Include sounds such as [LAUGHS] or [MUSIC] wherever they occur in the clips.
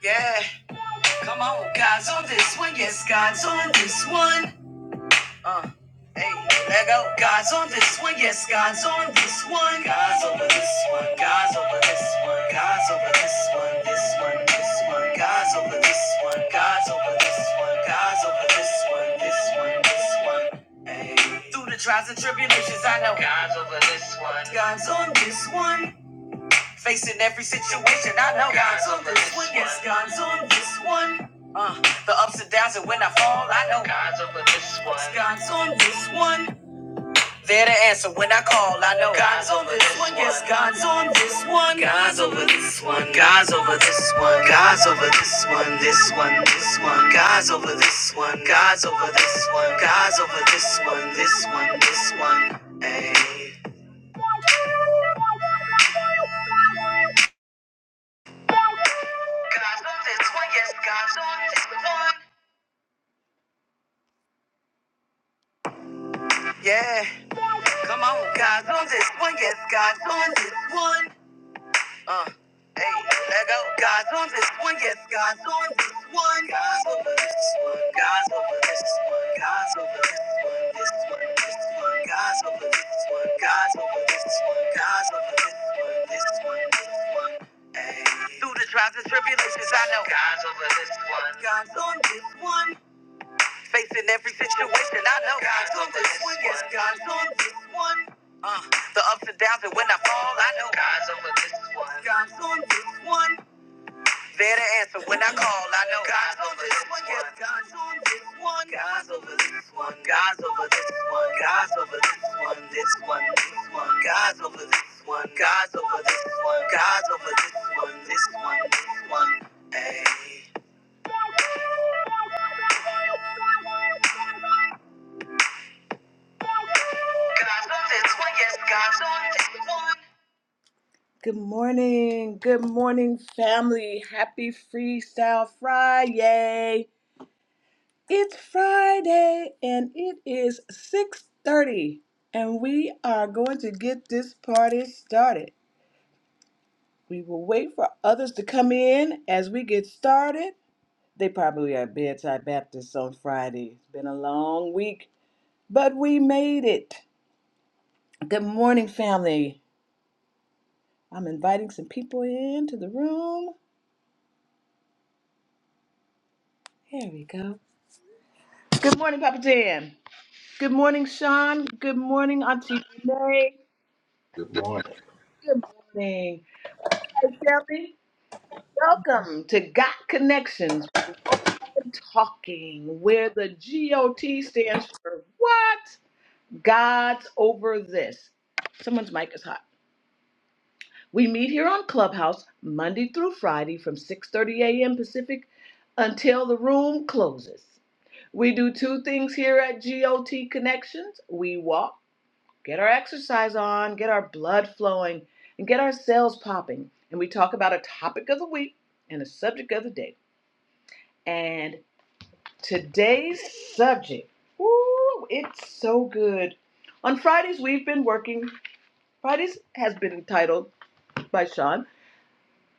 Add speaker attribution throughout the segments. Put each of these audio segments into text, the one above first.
Speaker 1: Yeah, come on. God's on this one, yes, God's on this one. Uh, hey, let go. God's on this one, yes, God's on this one. God's over this one, God's over this one, God's over this one, this one, this one. God's over this one, God's over this one, God's over this one, this one, this one. Hey. Through the trials and tribulations, I know God's over this one. God's on this one. Facing every situation, I know God's on this one. Yes, God's on this one. Uh, the ups and downs, and when I fall, I know God's over this one. Yes, God's on this one. They're the answer when I call, I know God's on this one. Yes, God's on this one. God's over this one. God's over this one. God's over this one. This one. This one. God's over this one. God's over this one. God's over this one. This one. This one. Ayy. God's on this one, yes, God's on this one. Yeah, come on. God's on this one, yes, God's on this one. Uh, hey, let go. God's on this one, yes, God's on this one. God's over this one, God's over this one, God's over this one, this one, this one, God's over this one, God's over this one, God's over this one, this one, this one. Ay. Through the trials and tribulations, I know God's over this one. God's on this one. Facing every situation, I know God's on this one. Yes, God's on this one. Uh, the ups and downs, and when I fall, I know God's over this one. God's on this one. There to answer when I call, I know God's on this one. Yes, God's on this one. God's over this one. God's over this one. God's over this one. This one. This one. God's over this one. God's over this one. God's over this one. This one. This one. Hey. God's on this one, yes, God's on this one. Good morning. Good morning, family. Happy Freestyle Friday. It's Friday and it is 6:30 and we are going to get this party started. We will wait for others to come in as we get started. They probably are bedside Baptists on Friday. It's been a long week, but we made it. Good morning, family. I'm inviting some people into the room. Here we go. Good morning, Papa Jan. Good morning, Sean. Good morning, Auntie Renee.
Speaker 2: Good morning.
Speaker 1: Good morning. Hey, Shelby. Welcome to Got Connections. Walking and Talking, where the GOT stands for what? God's over this. Someone's mic is hot. We meet here on Clubhouse Monday through Friday from 6:30 a.m. Pacific until the room closes. We do two things here at GOT Connections. We walk get our exercise on, get our blood flowing, and get our cells popping. And we talk about a topic of the week and a subject of the day. And today's subject, ooh, it's so good. On Fridays, we've been working, Fridays has been entitled by Sean,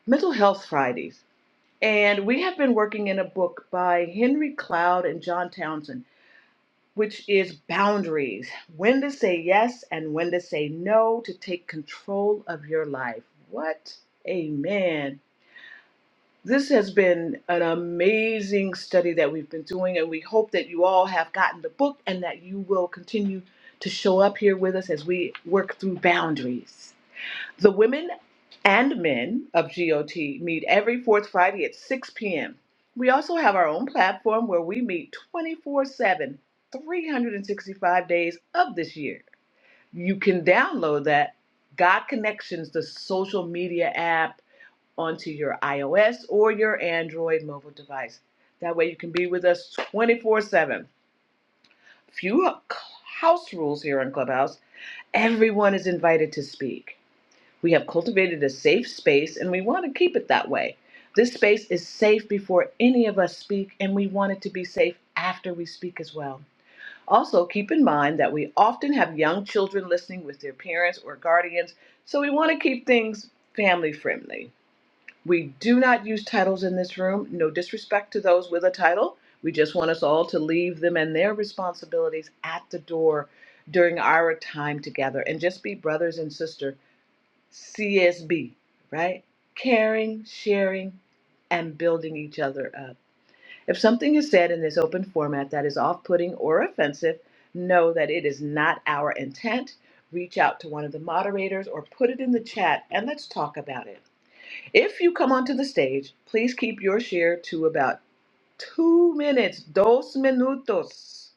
Speaker 1: Mental Health Fridays. And we have been working in a book by Henry Cloud and John Townsend which is boundaries when to say yes and when to say no to take control of your life. What a man. This has been an amazing study that we've been doing, and we hope that you all have gotten the book and that you will continue to show up here with us as we work through boundaries. The women and men of GOT meet every fourth Friday at 6 p.m. We also have our own platform where we meet 24 7, 365 days of this year. You can download that God Connections, the social media app, onto your iOS or your Android mobile device. That way you can be with us 24 7. Few house rules here on Clubhouse. Everyone is invited to speak. We have cultivated a safe space and we want to keep it that way. This space is safe before any of us speak, and we want it to be safe after we speak as well. Also, keep in mind that we often have young children listening with their parents or guardians, so we want to keep things family friendly. We do not use titles in this room, no disrespect to those with a title. We just want us all to leave them and their responsibilities at the door during our time together and just be brothers and sisters CSB, right? Caring, sharing, and building each other up. If something is said in this open format that is off putting or offensive, know that it is not our intent. Reach out to one of the moderators or put it in the chat and let's talk about it. If you come onto the stage, please keep your share to about two minutes, dos minutos.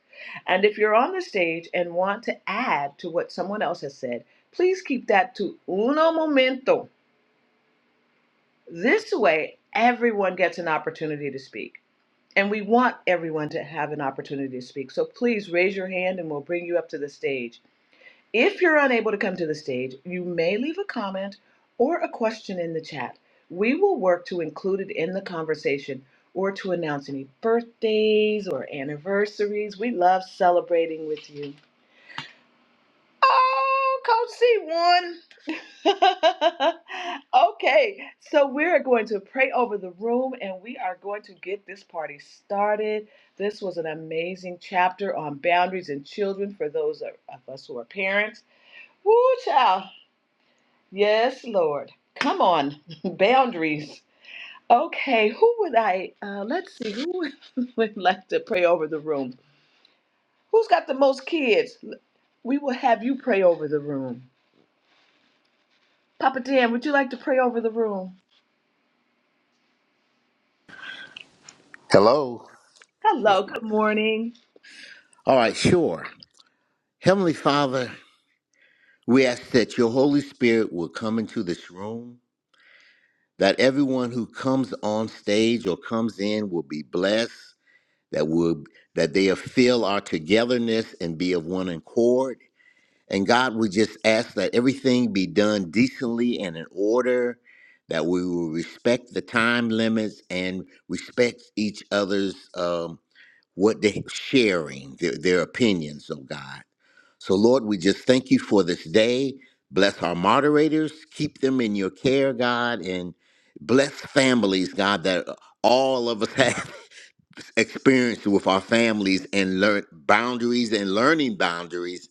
Speaker 1: And if you're on the stage and want to add to what someone else has said, please keep that to uno momento this way, everyone gets an opportunity to speak. And we want everyone to have an opportunity to speak. So please raise your hand and we'll bring you up to the stage. If you're unable to come to the stage, you may leave a comment or a question in the chat. We will work to include it in the conversation or to announce any birthdays or anniversaries. We love celebrating with you. Oh, Coach C1. [LAUGHS] okay, so we're going to pray over the room and we are going to get this party started. This was an amazing chapter on boundaries and children for those of of us who are parents. Woo, child. Yes, Lord. Come on, [LAUGHS] boundaries. Okay, who would I? Uh, let's see, who [LAUGHS] would like to pray over the room? Who's got the most kids? We will have you pray over the room. Papa Dan, would you like to pray over the room?
Speaker 2: Hello. Yeah.
Speaker 1: Hello, good morning.
Speaker 2: All right, sure. Heavenly Father, we ask that your Holy Spirit will come into this room, that everyone who comes on stage or comes in will be blessed, that will that they feel our togetherness and be of one accord. And God, we just ask that everything be done decently and in order, that we will respect the time limits and respect each other's um, what they are sharing their, their opinions oh god so lord we just thank you for this day bless our moderators keep them in your care god and bless families god that all of us [LAUGHS] have experienced with our families and learn boundaries and learning boundaries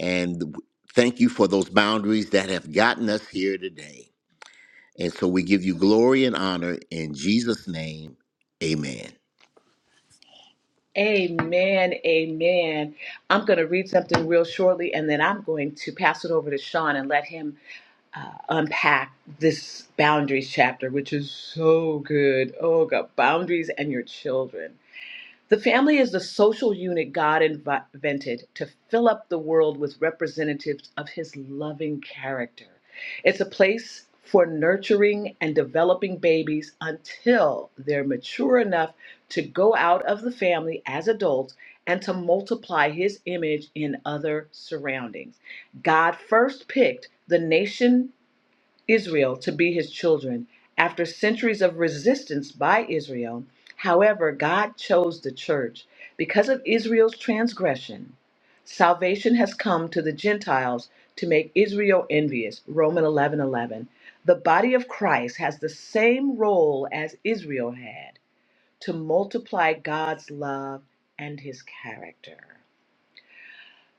Speaker 2: and thank you for those boundaries that have gotten us here today and so we give you glory and honor in jesus name amen
Speaker 1: Amen. Amen. I'm going to read something real shortly and then I'm going to pass it over to Sean and let him uh, unpack this boundaries chapter, which is so good. Oh, God, boundaries and your children. The family is the social unit God invented to fill up the world with representatives of his loving character. It's a place for nurturing and developing babies until they're mature enough to go out of the family as adults and to multiply his image in other surroundings. God first picked the nation Israel to be his children. After centuries of resistance by Israel, however, God chose the church. Because of Israel's transgression, salvation has come to the Gentiles to make Israel envious. Romans 11 11. The body of Christ has the same role as Israel had to multiply God's love and his character.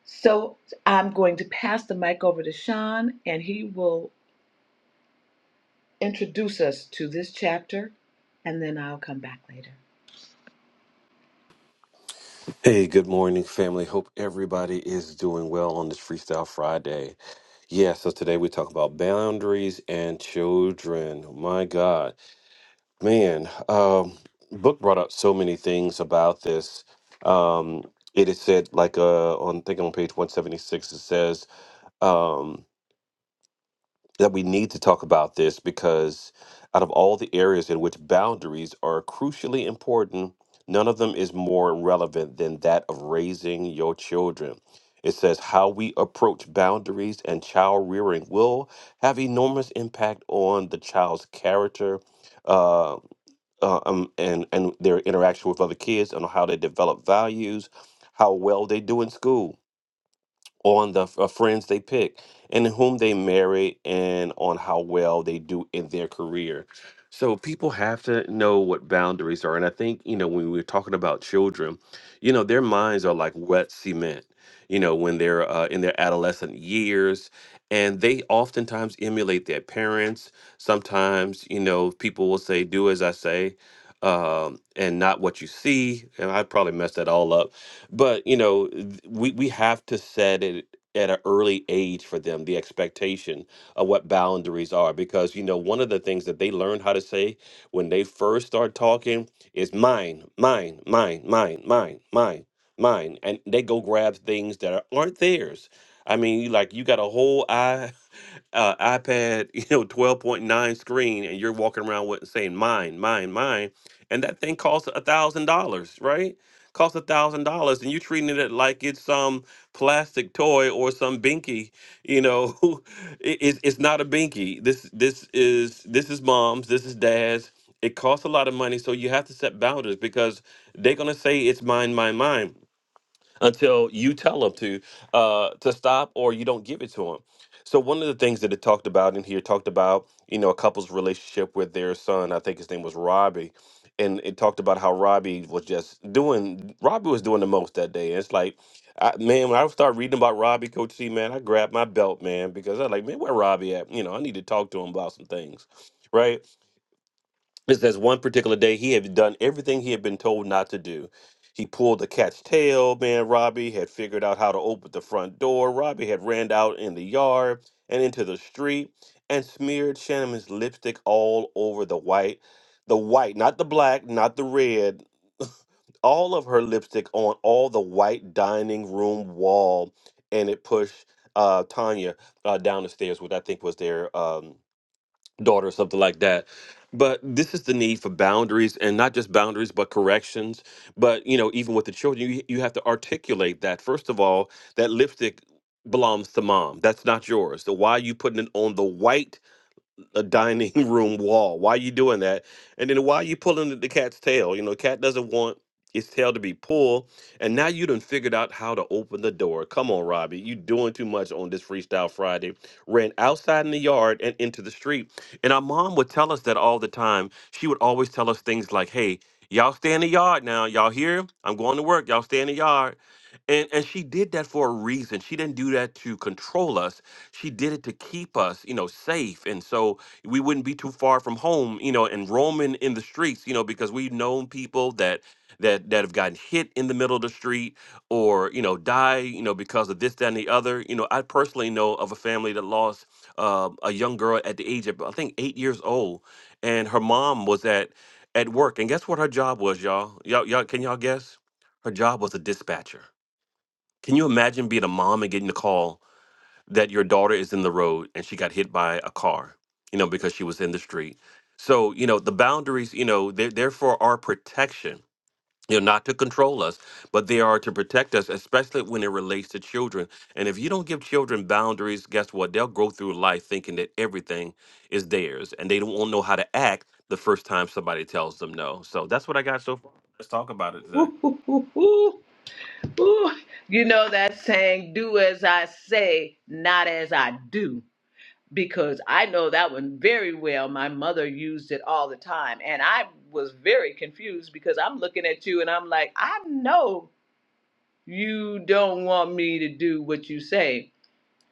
Speaker 1: So I'm going to pass the mic over to Sean, and he will introduce us to this chapter, and then I'll come back later.
Speaker 3: Hey, good morning, family. Hope everybody is doing well on this Freestyle Friday. Yeah, so today we talk about boundaries and children. My God, man, um, book brought up so many things about this. Um, it is said, like uh, on I think on page one seventy six, it says. Um, that we need to talk about this because out of all the areas in which boundaries are crucially important, none of them is more relevant than that of raising your children. It says how we approach boundaries and child rearing will have enormous impact on the child's character uh, uh, um, and, and their interaction with other kids and how they develop values, how well they do in school on the f- uh, friends they pick and whom they marry and on how well they do in their career. So people have to know what boundaries are. And I think, you know, when we're talking about children, you know, their minds are like wet cement, you know, when they're uh, in their adolescent years. And they oftentimes emulate their parents. Sometimes, you know, people will say, do as I say um, and not what you see. And I probably messed that all up but you know, th- we we have to set it at an early age for them the expectation of what boundaries are because you know one of the things that they learn how to say when they first start talking is mine mine mine mine mine mine mine and they go grab things that are- aren't theirs i mean you- like you got a whole i [LAUGHS] uh, ipad [LAUGHS] you know 12.9 screen and you're walking around with saying mine mine mine and that thing costs a thousand dollars right costs a thousand dollars, and you're treating it like it's some plastic toy or some binky. You know, [LAUGHS] it, it's it's not a binky. This this is this is mom's. This is dad's. It costs a lot of money, so you have to set boundaries because they're gonna say it's mine, mine, mine until you tell them to uh, to stop or you don't give it to them. So one of the things that it talked about in here talked about you know a couple's relationship with their son. I think his name was Robbie, and it talked about how Robbie was just doing Robbie was doing the most that day. And it's like. I, man, when I started reading about Robbie, Coach C, man, I grabbed my belt, man, because I was like, man, where Robbie at? You know, I need to talk to him about some things, right? It says one particular day he had done everything he had been told not to do. He pulled the cat's tail, man. Robbie had figured out how to open the front door. Robbie had ran out in the yard and into the street and smeared Shannon's lipstick all over the white, the white, not the black, not the red, all of her lipstick on all the white dining room wall. And it pushed uh, Tanya uh, down the stairs, which I think was their. Um, daughter or something like that but this is the need for boundaries and not just boundaries but corrections but you know even with the children you, you have to articulate that first of all that lipstick belongs to mom that's not yours so why are you putting it on the white a dining [LAUGHS] room wall. Why you doing that? And then why you pulling the the cat's tail? You know, cat doesn't want its tail to be pulled. And now you done figured out how to open the door. Come on, Robbie. You doing too much on this Freestyle Friday. Ran outside in the yard and into the street. And our mom would tell us that all the time. She would always tell us things like, hey, y'all stay in the yard now. Y'all here? I'm going to work. Y'all stay in the yard. And, and she did that for a reason. She didn't do that to control us. She did it to keep us, you know, safe. And so we wouldn't be too far from home, you know, and roaming in the streets, you know, because we've known people that that that have gotten hit in the middle of the street or you know die, you know, because of this, that, and the other. You know, I personally know of a family that lost uh, a young girl at the age of I think eight years old, and her mom was at at work, and guess what her job was, y'all? Y'all, y'all, can y'all guess? Her job was a dispatcher. Can you imagine being a mom and getting the call? that your daughter is in the road and she got hit by a car, you know, because she was in the street. So, you know, the boundaries, you know, they're there for our protection. You know, not to control us, but they are to protect us, especially when it relates to children. And if you don't give children boundaries, guess what? They'll go through life thinking that everything is theirs and they don't won't know how to act the first time somebody tells them no. So that's what I got so far. Let's talk about it
Speaker 1: [LAUGHS]
Speaker 3: today.
Speaker 1: Ooh, ooh, ooh, ooh, ooh. You know that saying, do as I say, not as I do, because I know that one very well. My mother used it all the time, and I was very confused because I'm looking at you and I'm like, I know you don't want me to do what you say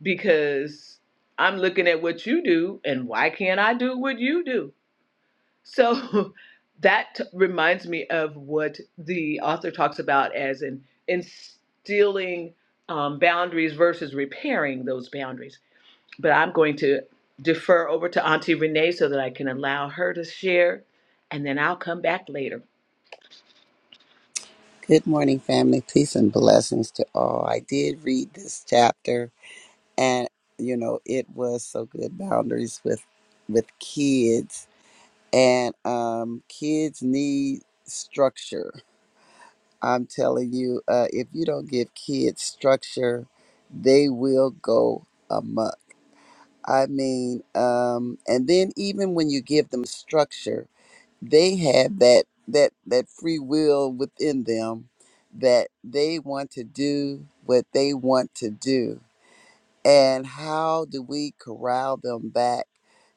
Speaker 1: because I'm looking at what you do, and why can't I do what you do? So [LAUGHS] that t- reminds me of what the author talks about as in instilling um, boundaries versus repairing those boundaries. But I'm going to defer over to Auntie Renee so that I can allow her to share, and then I'll come back later.
Speaker 4: Good morning, family. Peace and blessings to all. I did read this chapter, and you know it was so good. Boundaries with with kids, and um, kids need structure. I'm telling you, uh, if you don't give kids structure, they will go amok. I mean, um, and then even when you give them structure, they have that that that free will within them that they want to do what they want to do and how do we corral them back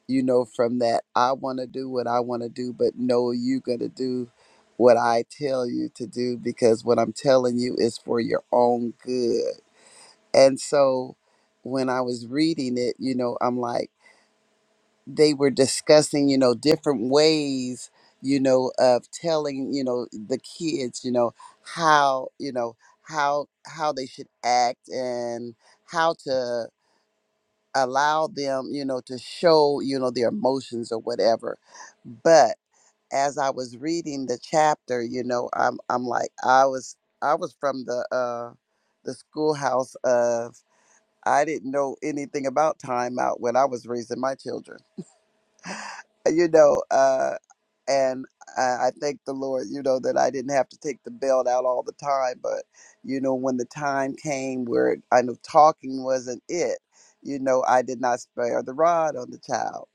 Speaker 4: you know from that i want to do what i want to do but no you're going to do what i tell you to do because what i'm telling you is for your own good and so when i was reading it you know i'm like they were discussing, you know, different ways, you know, of telling, you know, the kids, you know, how, you know, how how they should act and how to allow them, you know, to show, you know, their emotions or whatever. But as I was reading the chapter, you know, I'm I'm like I was I was from the uh the schoolhouse of I didn't know anything about timeout when I was raising my children you know, uh, and I, I thank the Lord, you know, that I didn't have to take the belt out all the time. But, you know, when the time came where I know talking wasn't it, you know, I did not spare the rod on the child.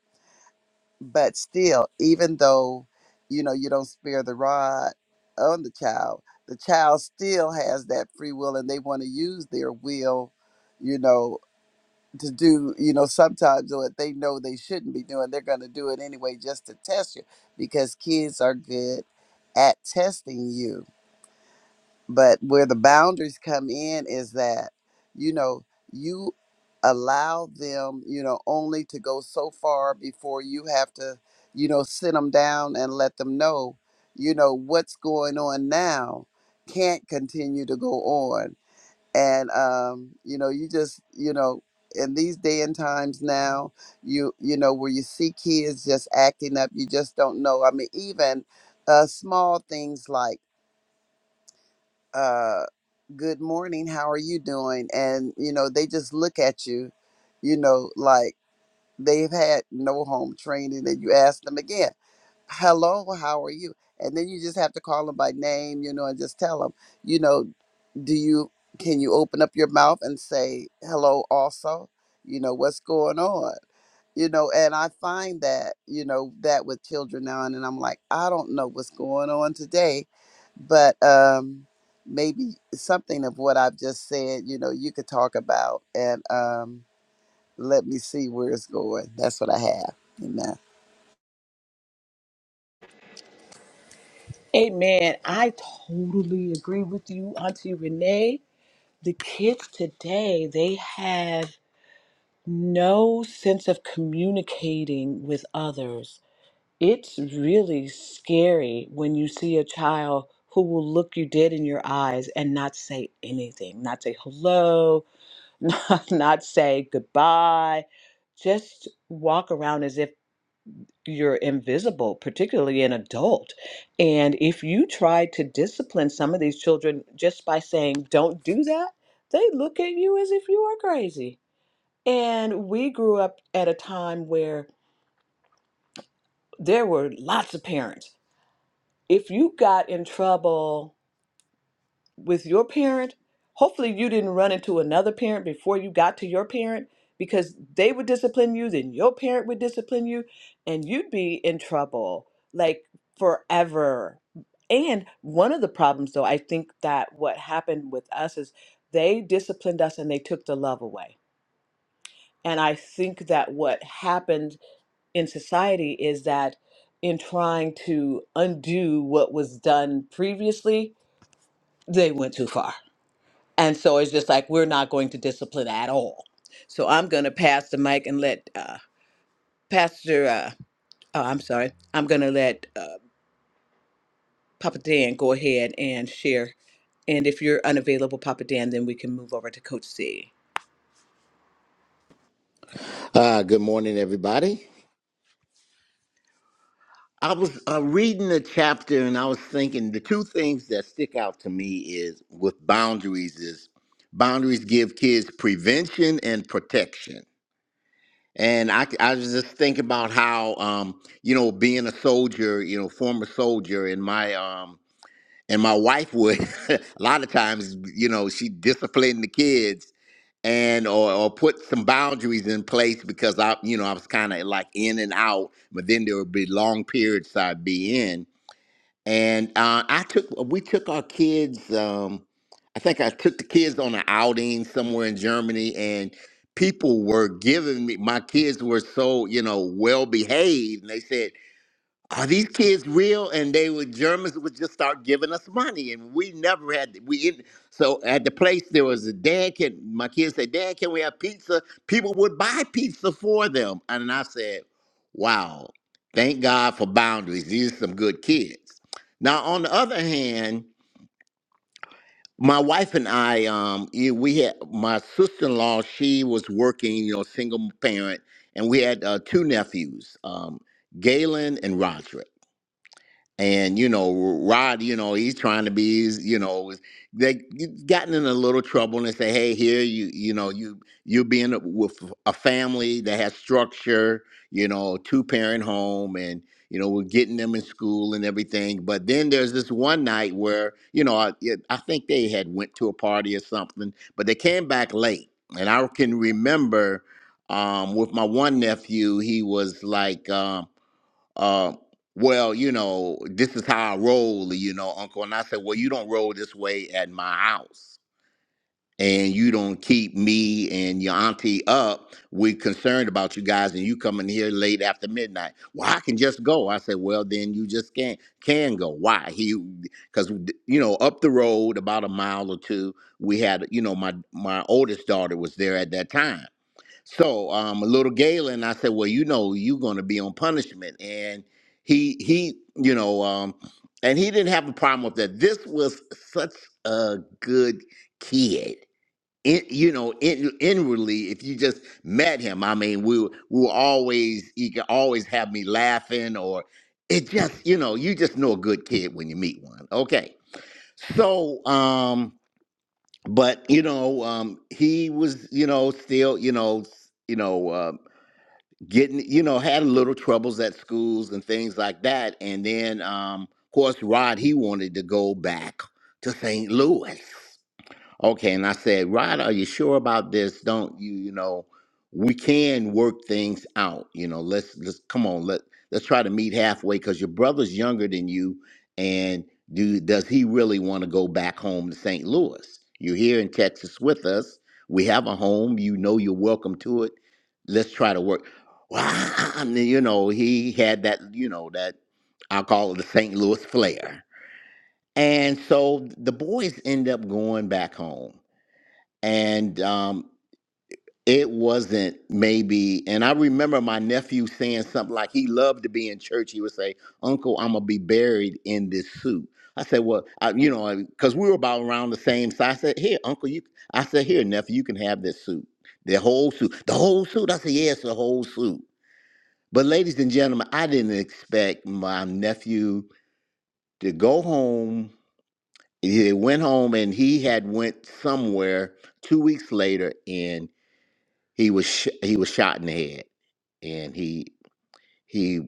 Speaker 4: But still, even though, you know, you don't spare the rod on the child, the child still has that free will and they want to use their will, you know to do, you know, sometimes what they know they shouldn't be doing, they're going to do it anyway just to test you because kids are good at testing you. But where the boundaries come in is that, you know, you allow them, you know, only to go so far before you have to, you know, sit them down and let them know, you know, what's going on now can't continue to go on and um, you know you just you know in these day and times now you you know where you see kids just acting up you just don't know i mean even uh, small things like uh, good morning how are you doing and you know they just look at you you know like they've had no home training and you ask them again hello, how are you? And then you just have to call them by name, you know, and just tell them, you know, do you can you open up your mouth and say hello also? You know, what's going on? You know, and I find that, you know, that with children now and then I'm like, I don't know what's going on today, but um maybe something of what I've just said, you know, you could talk about and um let me see where it's going. That's what I have. Amen.
Speaker 1: Amen. I totally agree with you, Auntie Renee. The kids today, they have no sense of communicating with others. It's really scary when you see a child who will look you dead in your eyes and not say anything, not say hello, [LAUGHS] not, not say goodbye, just walk around as if you're invisible, particularly an adult. And if you try to discipline some of these children just by saying, don't do that, they look at you as if you are crazy. And we grew up at a time where there were lots of parents if you got in trouble with your parent, hopefully you didn't run into another parent before you got to your parent because they would discipline you, then your parent would discipline you, and you'd be in trouble like forever. And one of the problems, though, I think that what happened with us is they disciplined us and they took the love away. And I think that what happened in society is that in trying to undo what was done previously, they went too far. And so it's just like, we're not going to discipline at all. So I'm going to pass the mic and let uh, Pastor, uh, oh, I'm sorry, I'm going to let uh, Papa Dan go ahead and share. And if you're unavailable, Papa Dan, then we can move over to Coach C.
Speaker 2: uh, good morning everybody I was uh, reading the chapter and I was thinking the two things that stick out to me is with boundaries is boundaries give kids prevention and protection. And I, c- I was just thinking about how, um, you know, being a soldier, you know, former soldier and my, um, and my wife would [LAUGHS] a lot of times, you know, she disciplined the kids and or, or put some boundaries in place because I, you know, I was kind of like in and out, but then there would be long periods I'd be in and uh, I took we took our kids. Um, I think I took the kids on an outing somewhere in Germany, and people were giving me my kids were so you know well behaved, and they said, are these kids real? And they would Germans would just start giving us money, and we never had we. In, so at the place there was a dad. Can my kids said, Dad, can we have pizza? People would buy pizza for them, and I said, Wow, thank God for boundaries. These are some good kids. Now on the other hand, my wife and I, um, yeah, we had my sister in law. She was working, you know, single parent, and we had uh, two nephews, um, Galen and Roderick and you know Rod, you know he's trying to be, he's, you know, they gotten in a little trouble, and they say, hey, here you, you know, you you being with a family that has structure, you know, two parent home, and you know we're getting them in school and everything. But then there's this one night where you know I, it- I think they had went to a party or something, but they came back late, and I can remember um, with my one nephew, he was like. um, uh, well, you know, this is how I roll, you know, uncle. And I said, well, you don't roll this way at my house. And you don't keep me and your auntie up. We're concerned about you guys, and you coming here late after midnight. Well, I can just go. I said, well, then you just can't can go. Why? He, because you know, up the road about a mile or two, we had, you know, my my oldest daughter was there at that time, so um, little Galen, I said, well, you know, you're going to be on punishment, and he he, you know, um, and he didn't have a problem with that. This was such a good kid. In, you know, in, inwardly, if you just met him, I mean, we were- we were always he could always have me laughing, or it just, you know, you just know a good kid when you meet one. Okay, so um, but you know, um, he was, you know, still, you know, s- you know. uh, getting you know had a little troubles at schools and things like that and then um of course rod he wanted to go back to st louis Okay, and I said, Rod, are you sure about this? Don't you, you know, we can work things out. You know, let's let's come on, let let's try to meet halfway because your brother's younger than you, and do does he really want to go back home to St. Louis? You're here in Texas with us. We have a home. You know you're welcome to it. Let's try to work. Well, [LAUGHS] I mean, you know, he had that, you know, that I'll call it the St. Louis flair. And so the boys end up going back home and um, it wasn't maybe. And I remember my nephew saying something like he loved to be in church. He would say, "Uncle, I'm gonna be buried in this suit." I said, "Well, I, you know, because we were about around the same size." I said, "Here, Uncle, you." I said, "Here, nephew, you can have this suit, the whole suit, the whole suit." I said, "Yes, the whole suit." But ladies and gentlemen, I didn't expect my nephew to go home. He went home and he had went somewhere two weeks later and He was sh- he was shot in the head, and he he,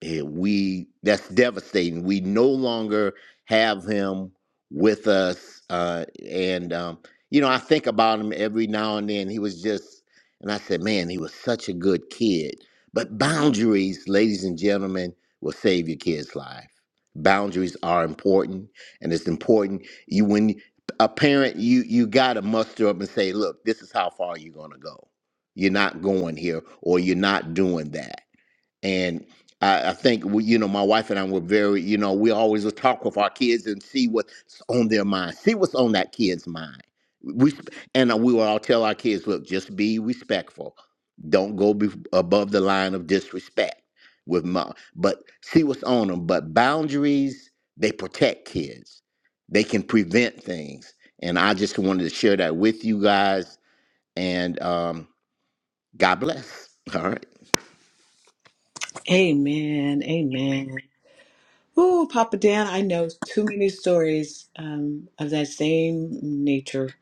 Speaker 2: he we that's devastating. We no longer have him with us, uh, and um, you know I think about him every now and then. He was just, and I said, man, he was such a good kid. But boundaries, ladies and gentlemen, will save your kid's life. Boundaries are important, and it's important you when a parent you you got to muster up and say, look, this is how far you're gonna go. You're not going here, or you're not doing that and I, I think we, you know my wife and I were very you know we always would talk with our kids and see what's on their mind, see what's on that kid's mind. We sp- and uh, we would all tell our kids, look, just be respectful, don't go be above the line of disrespect with mom, but see what's on them. But boundaries they protect kids, they can prevent things, and I just wanted to share that with you guys. And um, God bless. All right,
Speaker 1: Amen. Amen. Oh, Papa Dan, I know too many stories um, of that same nature.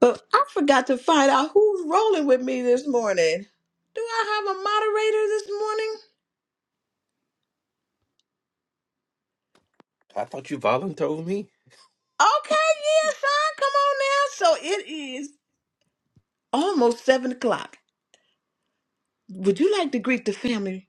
Speaker 1: But I forgot to find out who's rolling with me this morning. Do I have a moderator this morning?
Speaker 3: I thought you voluntold me.
Speaker 1: Okay, yeah, son, come on now. So it is almost seven o'clock. Would you like to greet the family?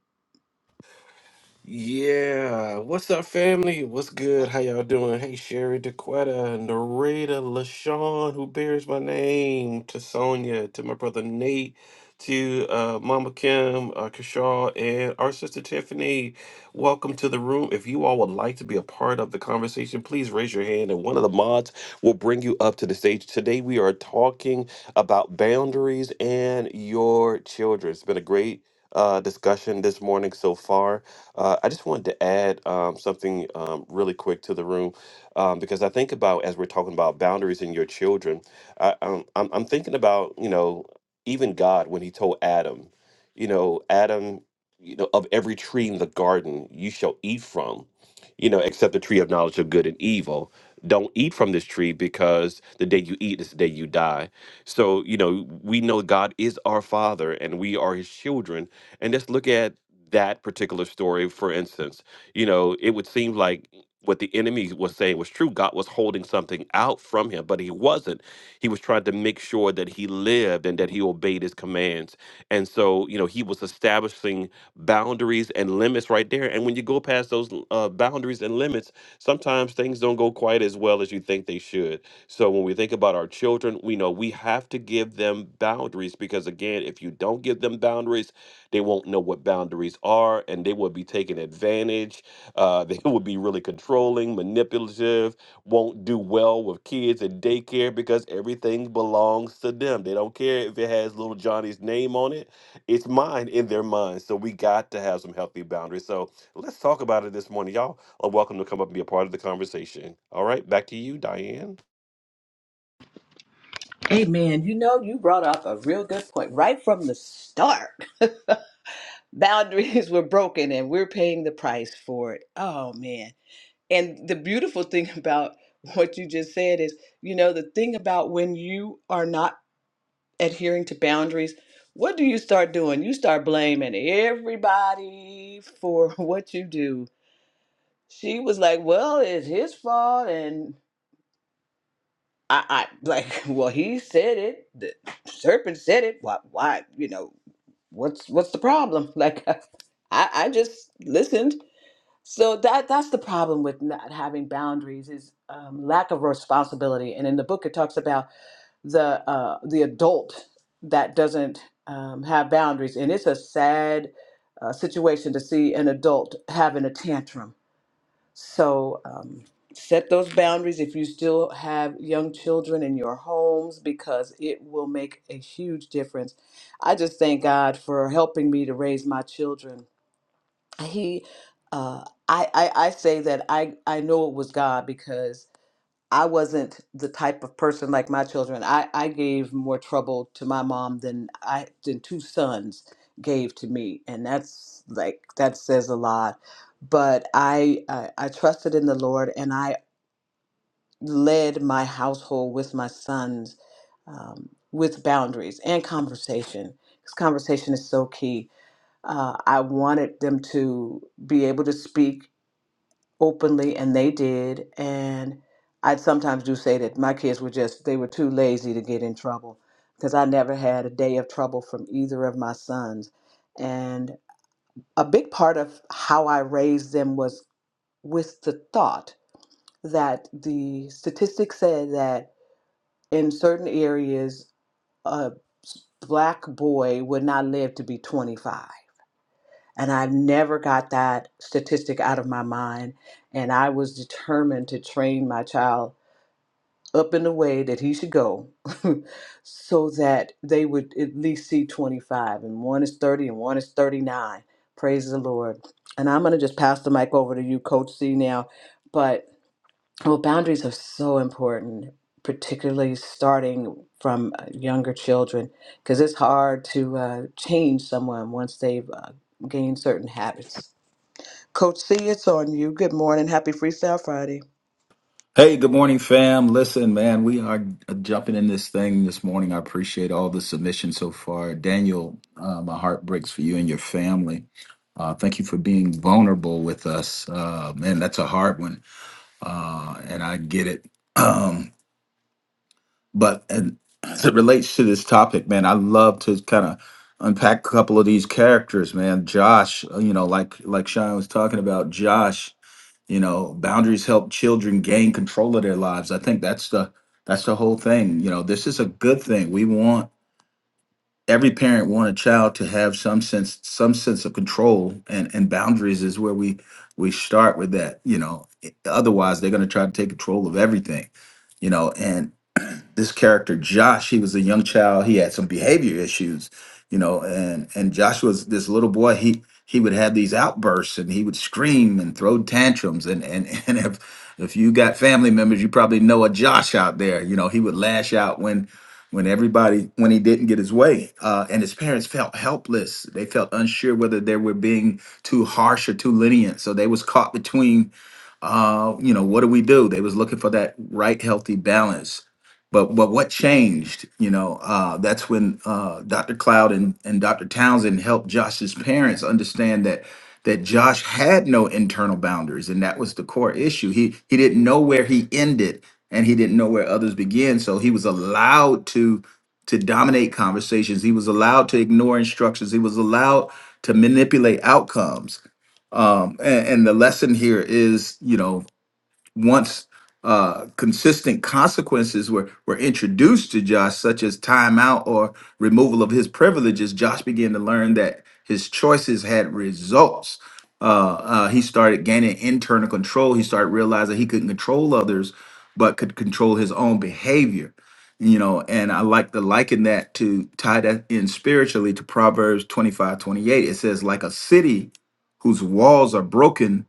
Speaker 3: What's up, family? What's good? How y'all doing? Hey, Sherry DeQuetta, Narita, LaShawn, who bears my name, to Sonia, to my brother Nate, to uh, Mama Kim, uh, Kishaw, and our sister Tiffany. Welcome to the room. If you all would like to be a part of the conversation, please raise your hand, and one of the mods will bring you up to the stage. Today, we are talking about boundaries and your children. It's been a great uh, discussion this morning so far. Uh, I just wanted to add um, something um, really quick to the room um, because I think about as we're talking about boundaries in your children, I, um, I'm, I'm thinking about you know even God when He told Adam, you know Adam, you know of every tree in the garden you shall eat from, you know except the tree of knowledge of good and evil. Don't eat from this tree because the day you eat is the day you die. So, you know, we know God is our Father and we are His children. And let's look at that particular story, for instance, you know, it would seem like what the enemy was saying was true. God was holding something out from him, but he wasn't. He was trying to make sure that he lived and that he obeyed his commands. And so, you know, he was establishing boundaries and limits right there. And when you go past those uh, boundaries and limits, sometimes things don't go quite as well as you think they should. So when we think about our children, we know we have to give them boundaries because, again, if you don't give them boundaries, they won't know what boundaries are, and they will be taken advantage. Uh, [LAUGHS] they will be really controlling, manipulative, won't do well with kids in daycare because everything belongs to them. They don't care if it has little Johnny's name on it. It's mine in their mind. So we got to have some healthy boundaries. So let's talk about it this morning. Y'all are welcome to come up and be a part of the conversation. All right, back to you, Diane.
Speaker 1: Hey man, you know, you brought up a real good point right from the start. [LAUGHS] Boundaries were broken and we're paying the price for it. Oh, man. And the beautiful thing [LAUGHS] about what you just said is, you know, the thing about when you are not adhering to boundaries, what do you start doing? You start blaming everybody for [LAUGHS] what you do. she was like, "Well, it's his fault," and I, I [LAUGHS] like, "Well, he said it. The serpent said it. Why? Why? You know, what's what's the problem?" [LAUGHS] Like, uh, I, I just listened. So that that's the problem with not having boundaries is um, lack of responsibility. And in the book, it talks about the uh, the adult that doesn't um, have boundaries, and it's a sad uh, situation to see an adult having a tantrum So um, set those boundaries if you still have young children in your homes because it will make a huge difference. I just thank God for helping me to raise my children. He, uh, I, I, I say that I, I know it was God because. I wasn't the type of person like my children. I, I gave more trouble to my mom than I than two sons gave to me, and that's like that says a lot. But I I, I trusted in the Lord, and I led my household with my sons um, with boundaries and conversation. Because conversation is so key. Uh, I wanted them to be able to speak openly, and they did. And I sometimes do say that my kids were just, they were too lazy to get in trouble because I never had a day of trouble from either of my sons. And a big part of how I raised them was with the thought that the statistics said that in certain areas, a black boy would not live to be 25 and i never got that statistic out of my mind. And I was determined to train my child up in the way that he should go [LAUGHS] so that they would at least see 25. And one is 30 and one is 39. Praise the Lord. And I'm going to just pass the mic over to you, Coach C, now. But well, boundaries are so important, particularly starting from uh, younger children, because it's hard to uh, change someone once they've uh, gained certain habits. Coach C, it's on you. Good morning. Happy Freestyle Friday.
Speaker 5: Hey, good morning, fam. Listen, man, we are uh, jumping in this thing this morning. I appreciate all the submissions so far. Daniel, uh, my heart breaks for you and your family. Uh, thank you for being vulnerable with us. Uh, man, that's a hard one, uh, and I get it. Um, but and as it relates to this topic, man, I love to kind of unpack a couple of these characters, man. Josh, uh, you know, like like Sean was talking about, Josh you know boundaries help children gain control of their lives i think that's the that's the whole thing you know this is a good thing we want every parent want a child to have some sense some sense of control and and boundaries is where we we start with that you know I- otherwise they're going to try to take control of everything you know and [CLEARS THROAT] this character josh he was a young child he had some behavior issues you know and and josh was this little boy he he would have these outbursts and he would scream and throw tantrums and and [LAUGHS] and if if you got family members you probably know a josh out there you know he would lash out when when everybody when he didn't get his way uh, and his parents felt helpless they felt unsure whether they were being too harsh or too lenient so they was caught between uh, you know, what do we do? They was looking for that right healthy balance. But but what changed? You know, uh, that's when uh, Dr. Cloud and, and Dr. Townsend helped Josh's parents understand that that Josh had no internal boundaries, and that was the core issue. He he didn't know where he ended, and he didn't know where others began. So he was allowed to to dominate conversations. He was allowed to ignore instructions. He was allowed to manipulate outcomes um, and, and the lesson here is, you know, once uh, consistent consequences were, were introduced to Josh, such as timeout or removal of his privileges, Josh began to learn that his choices had results. Uh, uh, he started gaining internal control. He started realizing he couldn't control others, but could control his own behavior. You know, and I like to liken that to tie that in spiritually to Proverbs 25 28. It says, like a city whose walls are broken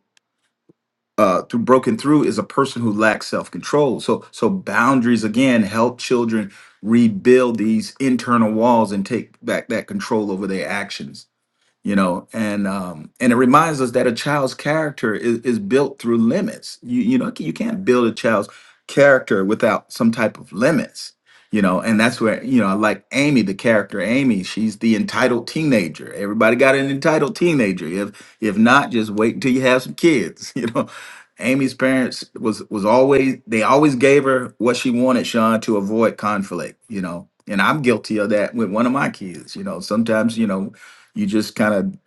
Speaker 5: uh, through broken through is a person who lacks self control. So so boundaries again help children rebuild these internal walls and take back that control over their actions you know and um and it reminds us that a child's character is, is built through limits you you know you can't build a child's character without some type of limits you know and that's where you know i like amy the character amy she's the entitled teenager everybody got an entitled teenager if if not just wait until you have some kids [LAUGHS] you know amy's parents was was always they always gave her what she wanted sean to avoid conflict you know and i'm guilty of that with one of my kids you know sometimes you know you just kind of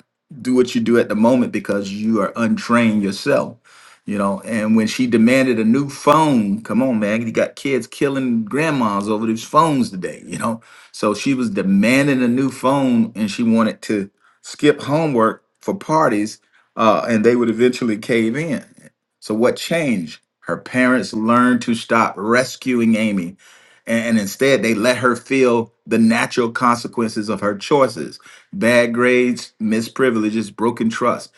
Speaker 5: do what you do at the moment because you are untrained yourself you know and when she demanded a new phone come on man you got kids killing grandmas over these phones today you know so she was demanding a new phone and she wanted to skip homework for parties uh, and they would eventually cave in so what changed her parents learned to stop rescuing amy and and instead they let her feel the natural consequences of her choices bad grades, missed privileges, broken trust.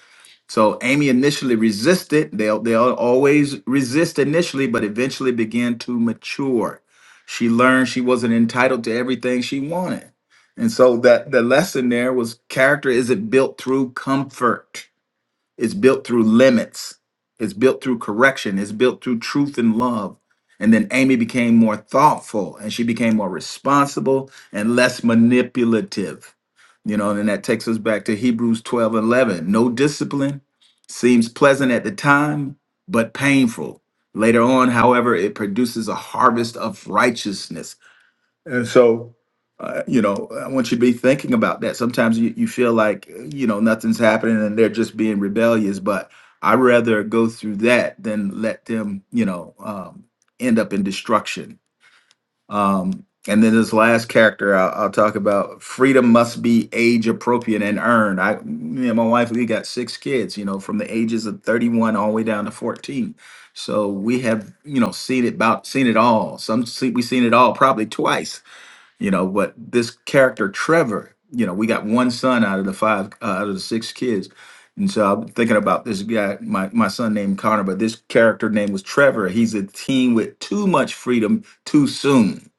Speaker 5: So Amy initially resisted. They they always resist initially, but eventually began to mature. She learned she wasn't entitled to everything she wanted, and so that the lesson there was character isn't built through comfort. It's built through limits. It's built through correction. It's built through truth and love. And then Amy became more thoughtful and she became more responsible and less manipulative. You know, and that takes us back to Hebrews 12 and 11. No discipline seems pleasant at the time, but painful. Later on, however, it produces a harvest of righteousness and so, uh, you know, I want you to be thinking about that. Sometimes you, you feel like, uh, you know, nothing's happening and they're just being rebellious, but I'd rather go through that than let them, you know, um, end up in destruction. Um, and then this last character I'll, I'll talk about freedom must be age appropriate and earned. I, me and my wife, we got six kids, you know, from the ages of 31 all the way down to 14. So we have, you know, seen it about seen it all. Some see, we seen it all probably twice you know but this character trevor you know we got one son out of the five uh, out of the six kids and so i'm thinking about this guy my, my son named connor but this character name was trevor he's a teen with too much freedom too soon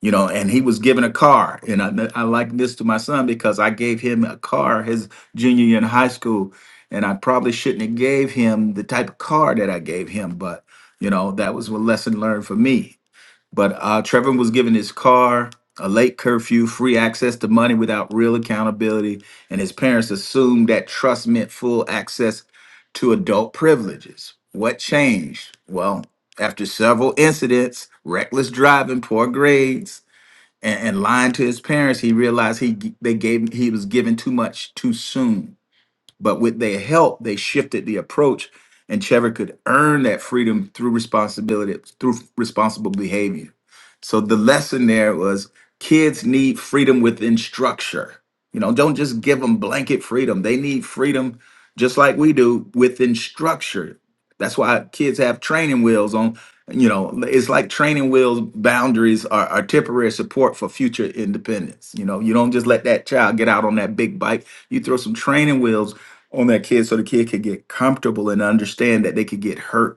Speaker 5: you know and he was given a car and i, I like this to my son because i gave him a car his junior year in high school and i probably shouldn't have gave him the type of car that i gave him but you know that was a lesson learned for me but uh, Trevor was given his car, a late curfew, free access to money without real accountability, and his parents assumed that trust meant full access to adult privileges. What changed? Well, after several incidents, reckless driving, poor grades, and, and lying to his parents, he realized he g- they gave he was given too much too soon. But with their help, they shifted the approach, and Trevor could earn that freedom through responsibility, through responsible behavior. So the lesson there was kids need freedom within structure. You know, don't just give them blanket freedom. They need freedom just like we do within structure. That's why kids have training wheels on, you know, it's like training wheels boundaries are, are temporary support for future independence. You know, you don't just let that child get out on that big bike. You throw some training wheels on that kid so the kid could get comfortable and understand that they could get hurt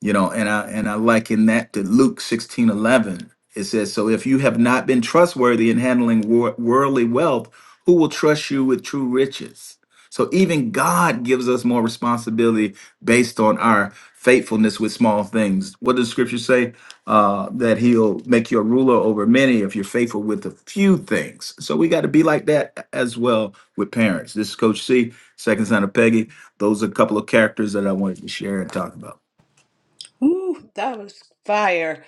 Speaker 5: you know and i and i liken that to luke sixteen eleven. it says so if you have not been trustworthy in handling wor- worldly wealth who will trust you with true riches so even god gives us more responsibility based on our faithfulness with small things what does scripture say uh, that he'll make you a ruler over many if you're faithful with a few things so we got to be like that as well with parents this is coach c second son of peggy those are a couple of characters that i wanted to share and talk about
Speaker 1: Ooh, that was fire.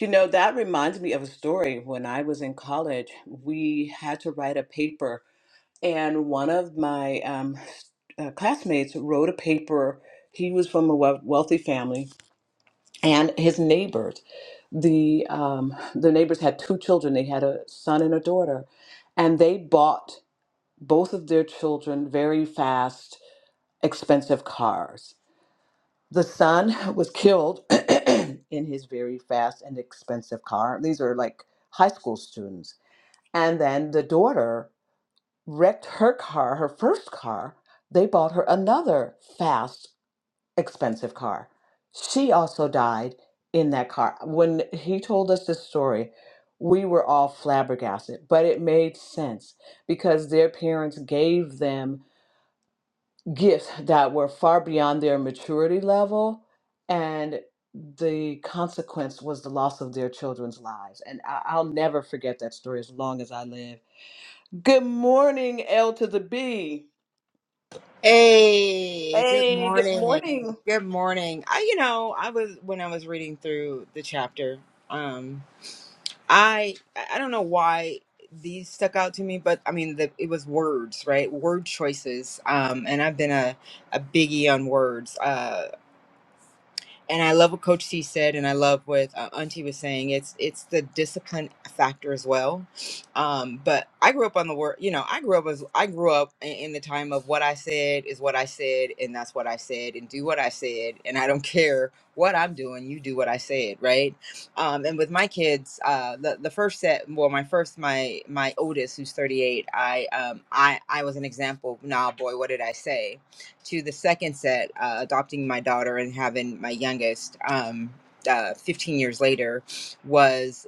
Speaker 1: You know, that reminds me of a story. When I was in college, we had to write a paper, and one of my um, uh, classmates wrote a paper. He was from a wea- wealthy family, and his neighbors, the um, the neighbors had two children. They had a son and a daughter, and they bought both of their children very fast, expensive cars the son was killed [CLEARS THROAT] in his very fast and expensive car. These are like high school students. And then the daughter wrecked her car, her first car. They bought her another fast, expensive car. She also died in that car. When he told us this story, we were all flabbergasted, but it made sense because their parents gave them gifts that were far beyond their maturity level and the consequence was the loss of their children's lives and I- i'll never forget that story as long as i live good morning l to the b
Speaker 6: Hey, good
Speaker 1: hey good
Speaker 6: morning.
Speaker 1: morning
Speaker 6: Good morning. I, you know, I was when I was reading through the chapter, um, I I don't know why these stuck out to me, but I mean, the, it was words, right? Word choices. Um, and I've been a a biggie on words. Uh, and I love what Coach C said, and I love what uh, Auntie was saying. It's it's the discipline factor as well. Um, but I grew up on the word, you know, I grew up as I grew up in, in the time of what I said is what I said, and that's what I said, and do what I said, and I don't care what I'm doing. You do what I said, right? Um, and with my kids, uh, the the first set, well, my first, my my oldest, who's 38, I um I I was an example. Nah, boy, what did I say? to the second set, uh, adopting my daughter and having my youngest um, uh, 15 years later, was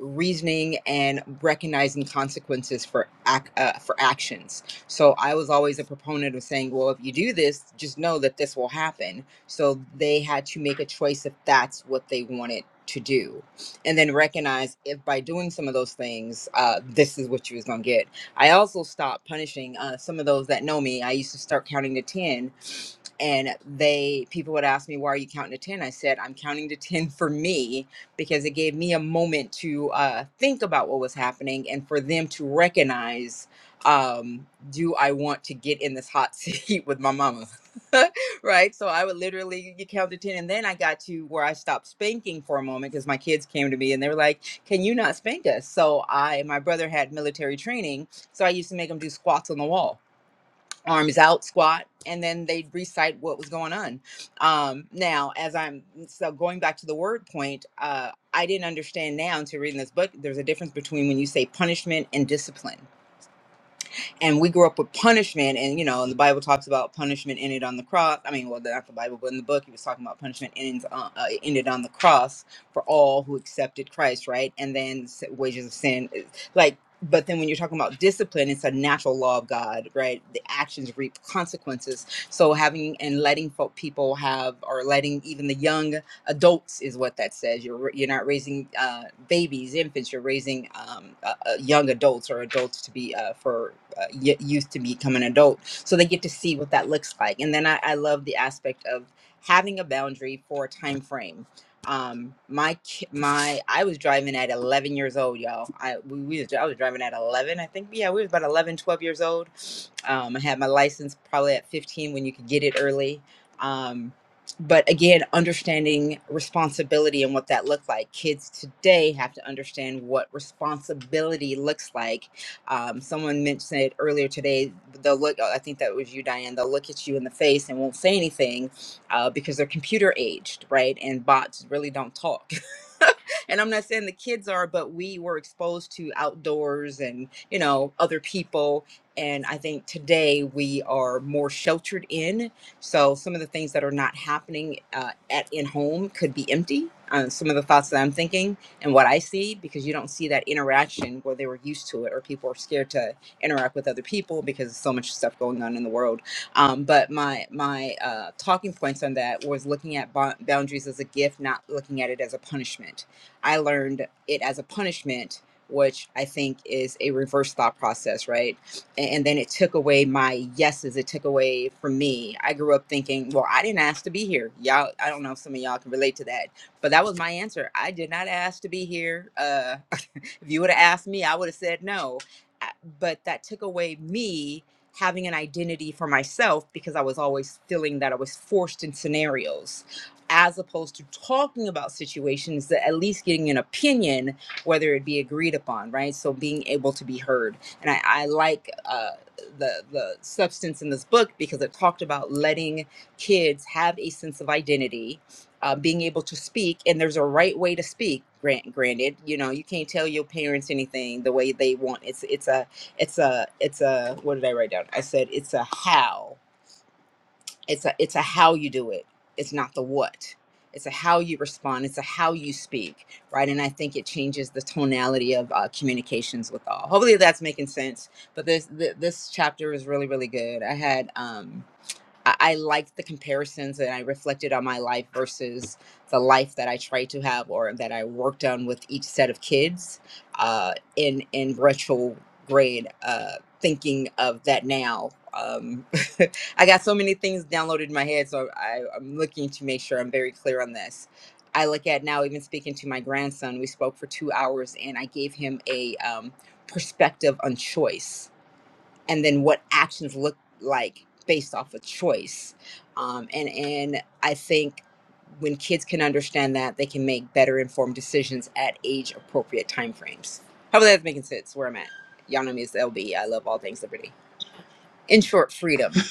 Speaker 6: reasoning and recognizing consequences for ac- uh, for actions. So I was always a proponent of saying, well, if you do this, just know that this will happen. So they had to make a choice if that's what they wanted to do and then recognize if by doing some of those things uh, this is what you was gonna get I also stopped punishing uh, some of those that know me. I used to start counting to 10 and they people would ask me why are you counting to 10 i said i'm counting to 10 for me because it gave me a moment to uh, think about what was happening and for them to recognize um, do i want to get in this hot [LAUGHS] seat with my mama [LAUGHS] right so i would literally you count to 10 and then i got to where i stopped spanking for a moment because my kids came to me and they were like can you not spank us so i my brother had military training so i used to make him do squats on the wall arms out squat and then they'd recite what was going on um now as i'm so going back to the word point uh i didn't understand now until reading this book there's a difference between when you say punishment and discipline and we grew up with punishment and you know and the bible talks about punishment ended on the cross i mean well not the bible but in the book he was talking about punishment ends on, uh, ended on the cross for all who accepted christ right and then s- wages of sin eh, like but then when you're talking about discipline it's a natural law of god right the actions reap consequences so having and letting folk people have or letting even the young adults is what that says you're you're not raising uh, babies infants you're raising um, uh, uh, young adults or adults to be uh, for uh, y- youth to become an adult so they get to see what that looks like and then i, I love the aspect of having a boundary for a time frame um my ki- my i was driving at 11 years old y'all i we, we was, i was driving at 11 i think yeah we was about 11, 12 years old um i had my license probably at 15 when you could get it early um but again understanding responsibility and what that looked like kids today have to understand what responsibility looks like um, someone mentioned it earlier today. They'll look, I think that was you, Diane, they'll look at you in the face and won't say anything uh, because they're computer aged, right? And bots really don't talk. [LAUGHS] and I'm not saying the kids are, but we were exposed to outdoors and, you know, other people. And I think today we are more sheltered in. So some of the things that are not happening uh, at in home could be empty. Uh, some of the thoughts that I'm thinking and what I see because you don't see that interaction where they were used to it or people are scared to interact with other people because there's so much stuff going on in the world. Um, but my my uh, talking points on that was looking at bo- boundaries as a gift, not looking at it as a punishment. I learned it as a punishment. Which I think is a reverse thought process, right? And, and then it took away my yeses. It took away from me. I grew up thinking, well, I didn't ask to be here. Y'all, I don't know if some of y'all can relate to that but that was my answer. I did not ask to be here. Uh, [LAUGHS] if you would have asked me, I would have said no. I- But that took away me having an identity for myself because I was always feeling that I was forced in scenarios, as opposed to talking about situations that at least getting an opinion, whether it be agreed upon, right? So being able to be heard. And I, I like uh, the, the substance in this book because it talked about letting kids have a sense of identity uh, being able to speak and there's a right way to speak grant granted you know you can't tell your parents anything the way they want it's it's a it's a it's a what did i write down i said it's a how it's a it's a how you do it it's not the what it's a how you respond it's a how you speak right and i think it changes the tonality of uh, communications with all hopefully that's making sense but this th- this chapter is really really good i had um I, I liked the comparisons and I reflected on my life versus the life that I tried to have or that I worked on with each set of kids uh, in in retrograde uh, thinking of that now. Um, [LAUGHS] I got so many things downloaded in my head, so I, I'm looking to make sure I'm very clear on this. I look at now, even speaking to my grandson, we spoke for two hours and I gave him a um, perspective on choice and then what actions look like based off a choice um, and and i think when kids can understand that they can make better informed decisions at age appropriate timeframes hopefully that's making sense where i'm at y'all know me as lb i love all things liberty in short freedom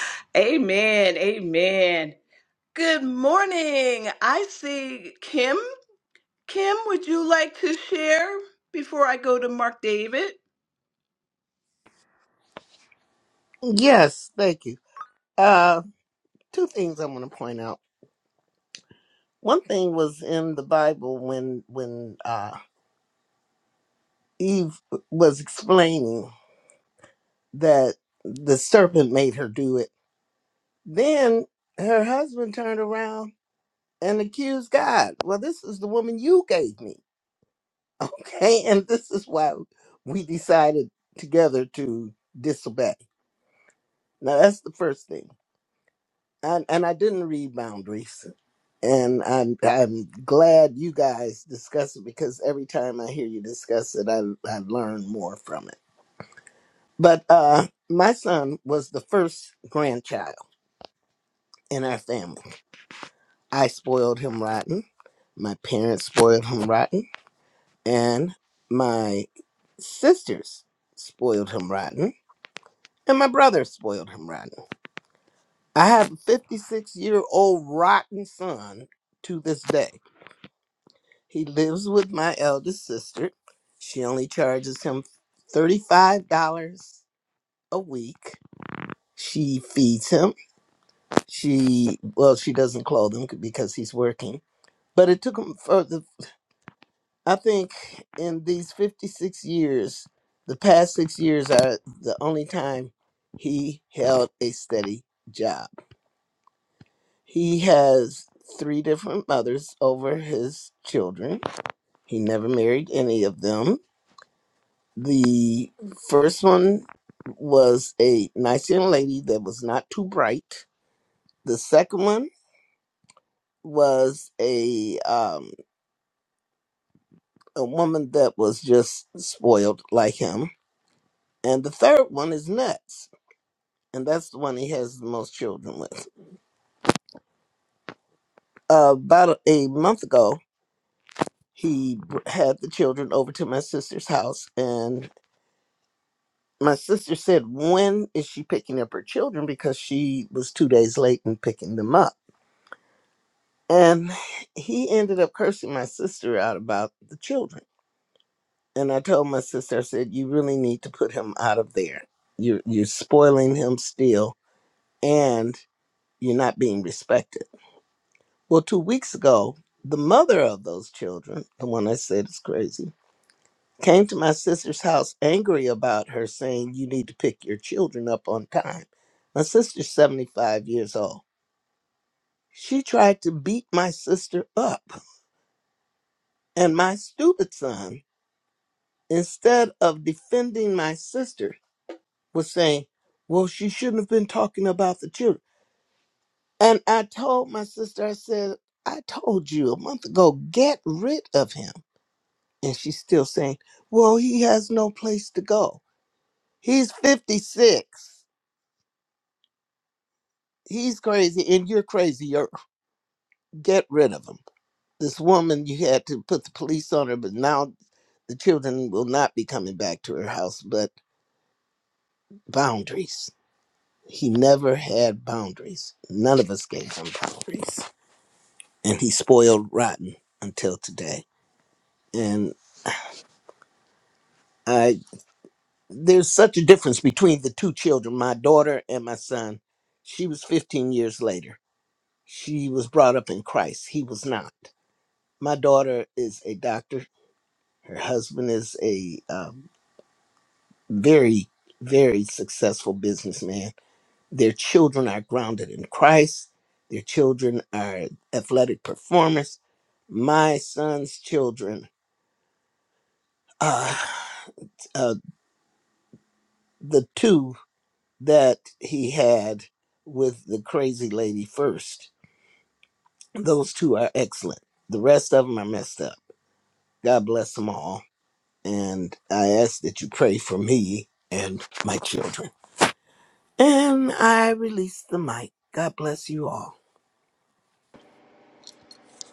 Speaker 1: [LAUGHS] amen amen good morning i see kim kim would you like to share before i go to mark david
Speaker 7: Yes, thank you. Uh, two things I want to point out. One thing was in the Bible when when uh, Eve was explaining that the serpent made her do it. Then her husband turned around and accused God. Well, this is the woman you gave me, [LAUGHS] okay? And this is why we decided together to disobey. Now that's the first thing. and, and I didn't read boundaries. And I'm I'm glad you guys discuss it because every time I hear you discuss it, I I learn more from it. But uh, my son was the first grandchild in our family. I spoiled him rotten. My parents spoiled him rotten, and my sisters spoiled him rotten, and my brother spoiled him rotten. I have a 56 year old rotten son to this day He lives with my eldest sister. She only charges him $35 a week. She feeds him. She, well, she doesn't clothe him because he's working. But it took him for the, I think in these 56 years, the past six years are the only time he held a steady job. He has three different mothers over his children. He never married any of them The first one was a nice young lady that was not too bright. The second one was a um, a woman that was just spoiled like him, and the third one is nuts, and that's the one he has the most children with. about a month ago, he br- had the children over to my sister's house, and my sister said, "When is she picking up her children?" Because she was two days late in picking them up And he ended up cursing my sister out about the children. And I told my sister, I said, You really need to put him out of there. You're you're spoiling him still and you're not being respected. Well, two weeks ago, the mother of those children, the one I said is crazy, came to my sister's house angry about her saying you need to pick your children up on time. My sister's 75 years old. She tried to beat my sister up and my stupid son instead of defending my sister, was saying, Well, she shouldn't have been talking about the children. And I told my sister, I said, I told you a month ago, get rid of him. And she's still saying, Well, he has no place to go. He's 56. He's crazy, and you're crazy. get rid of him. This woman, you had to put the police on her, but now the children will not be coming back to her house, but boundaries. He never had boundaries. None of us gave him boundaries. And he spoiled rotten until today. And I there's such a difference between the two children, my daughter and my son. She was 15 years later. She was brought up in Christ. He was not. My daughter is a doctor. Her husband is a um, very, very successful businessman Their children are grounded in Christ. Their children are athletic performers. My son's children, uh, uh, the two that he had with the crazy lady first, those two are excellent. The rest of them are messed up. God bless them all. And I ask that you pray for me and my children. And I release the mic. God bless you all.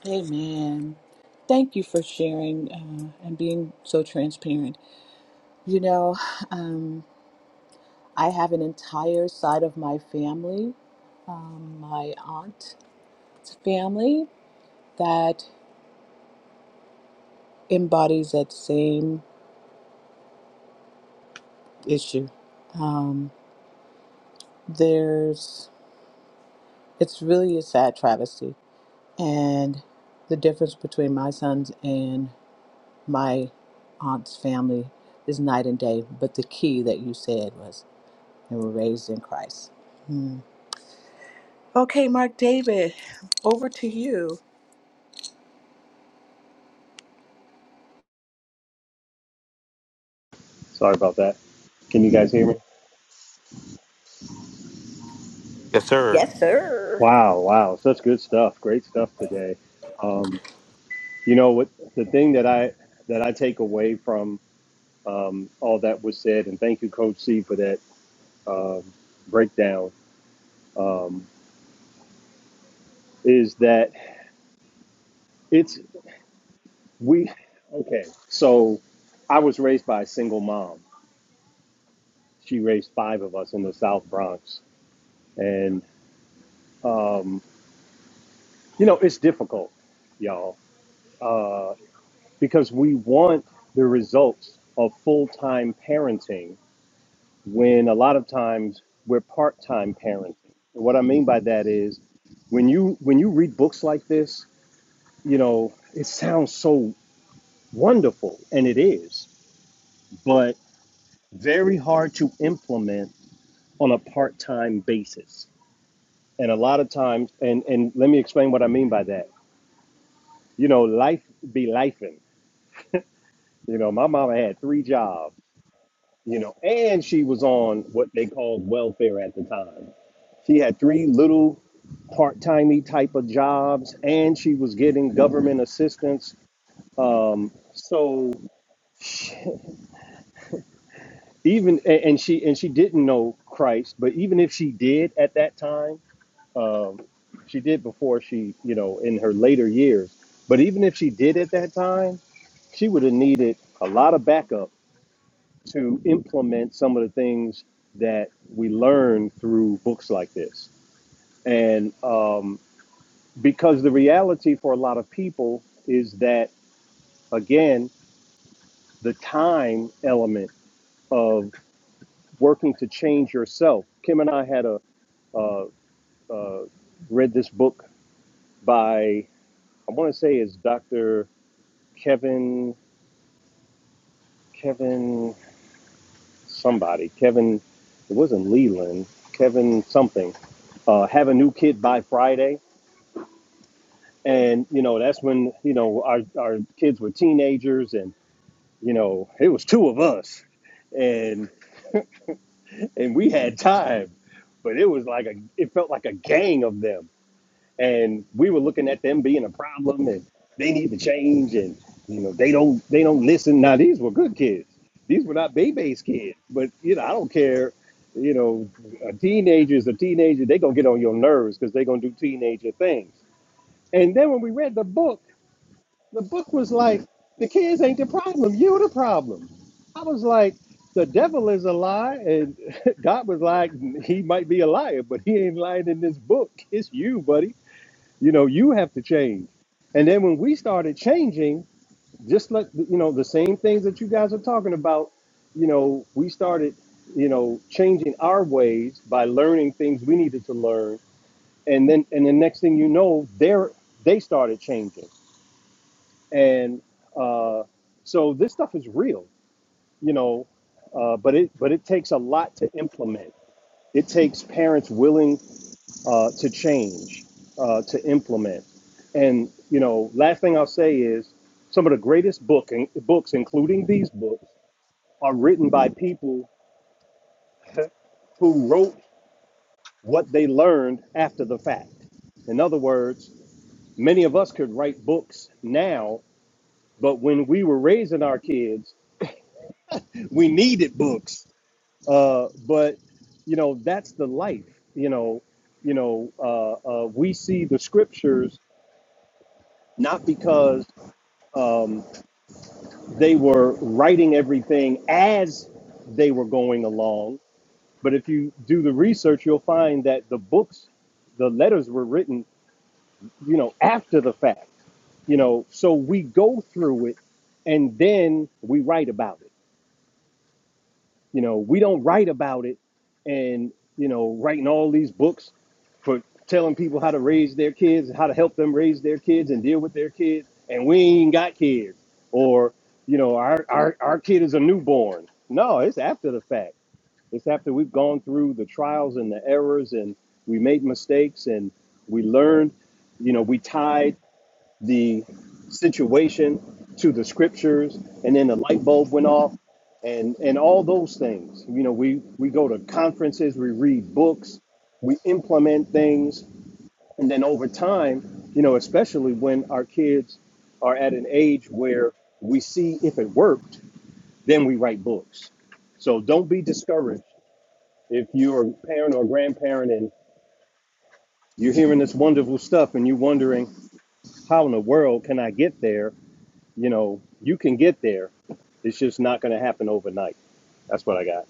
Speaker 1: Amen. Thank you for sharing uh, and being so transparent. You know, um, I have an entire side of my family, um, my aunt's family, that embodies that same issue. Um, there's, it's really a sad travesty. And the difference between my sons and my aunt's family is night and day. But the key that you said was, they were raised in Christ who
Speaker 8: Sorry about that. Can you guys hear me?
Speaker 3: Yes, sir.
Speaker 8: Wow, wow, such good stuff. Great stuff today. Um, you know what? The thing that I that I take away from um, all that was said, and thank you, Coach C, for that um, breakdown, um, is that it's we. Okay, so I was raised by a single mom. She raised five of us in the South Bronx, and um, you know it's difficult, y'all. Uh, because we want the results of full-time parenting when a lot of times we're part-time parenting. And what I mean by that is when you when you read books like this, you know, it sounds so wonderful and it is, but very hard to implement on a part-time basis. And a lot of times and and let me explain what I mean by that. You know, life be lifing. You know, my mama had three jobs you know, and she was on what they called welfare at the time. She had three little part-timey type of jobs, and she was getting government assistance. Um, so even a- and she and she didn't know Christ, but even if she did at that time, um, she did before she, you know, in her later years. But even if she did at that time, she would have needed a lot of backup to implement some of the things that we learn through books like this And um, because the reality for a lot of people is that, again, the time element of working to change yourself. Kim and I had a, uh, uh, read this book by, I want to say it's Dr. Kevin, Kevin somebody, Kevin, it wasn't Leland, Kevin something uh, have a new kid by Friday. And, you know, that's when, you know, our, our kids were teenagers. And you know, it was two of us and and we had time, but it was like a it felt like a gang of them. And we were looking at them being a problem and they need to change and you know, they don't they don't listen. Now these were good kids. These were not baby's kids. But you know, I don't care. You know, a teenager is a teenager, they gonna get on your nerves because they gonna do teenager things. And then when we read the book, the book was like, the kids ain't the problem, you the problem. I was like, the devil is a lie, and [LAUGHS] God was like, he might be a liar, but he ain't lying in this book. It's you, buddy. You know, you have to change. And then when we started changing, just like you know, the same things that you guys are talking about, you know, we started, you know, changing our ways by learning things we needed to learn. And then and the next thing you know, they're they started changing and uh, so this stuff is real, you know. Uh, but it but it takes a lot to implement. It takes parents willing uh, to change, uh, to implement. And you know, last thing I'll say is some of the greatest book in, books, including these books, are written by people who wrote what they learned after the fact. In other words, many of us could write books now, but when we were raising our kids, we needed books Uh, but you know, that's the life. You know, you know, uh, uh, we see the scriptures not because they were writing everything as they were going along, but if you do the research, you'll find that the books, the letters were written, you know, after the fact. You know, so we go through it, and then we write about it You know, we don't write about it and, you know, writing all these books for telling people how to raise their kids, how to help them raise their kids and deal with their kids. And we ain't got kids. Or, you know, our, our, our kid is a newborn. No, it's after the fact. It's after we've gone through the trials and the errors and we made mistakes and we learned, you know, we tied the situation to the scriptures and then the light bulb went off and and all those things you know we we go to conferences we read books we implement things and then over time you know especially when our kids are at an age where we see if it worked then we write books so don't be discouraged if you're a parent or grandparent and you're hearing this wonderful stuff and you're wondering how in the world can i get there you know, you can get there. It's just not going to happen overnight. That's what I got.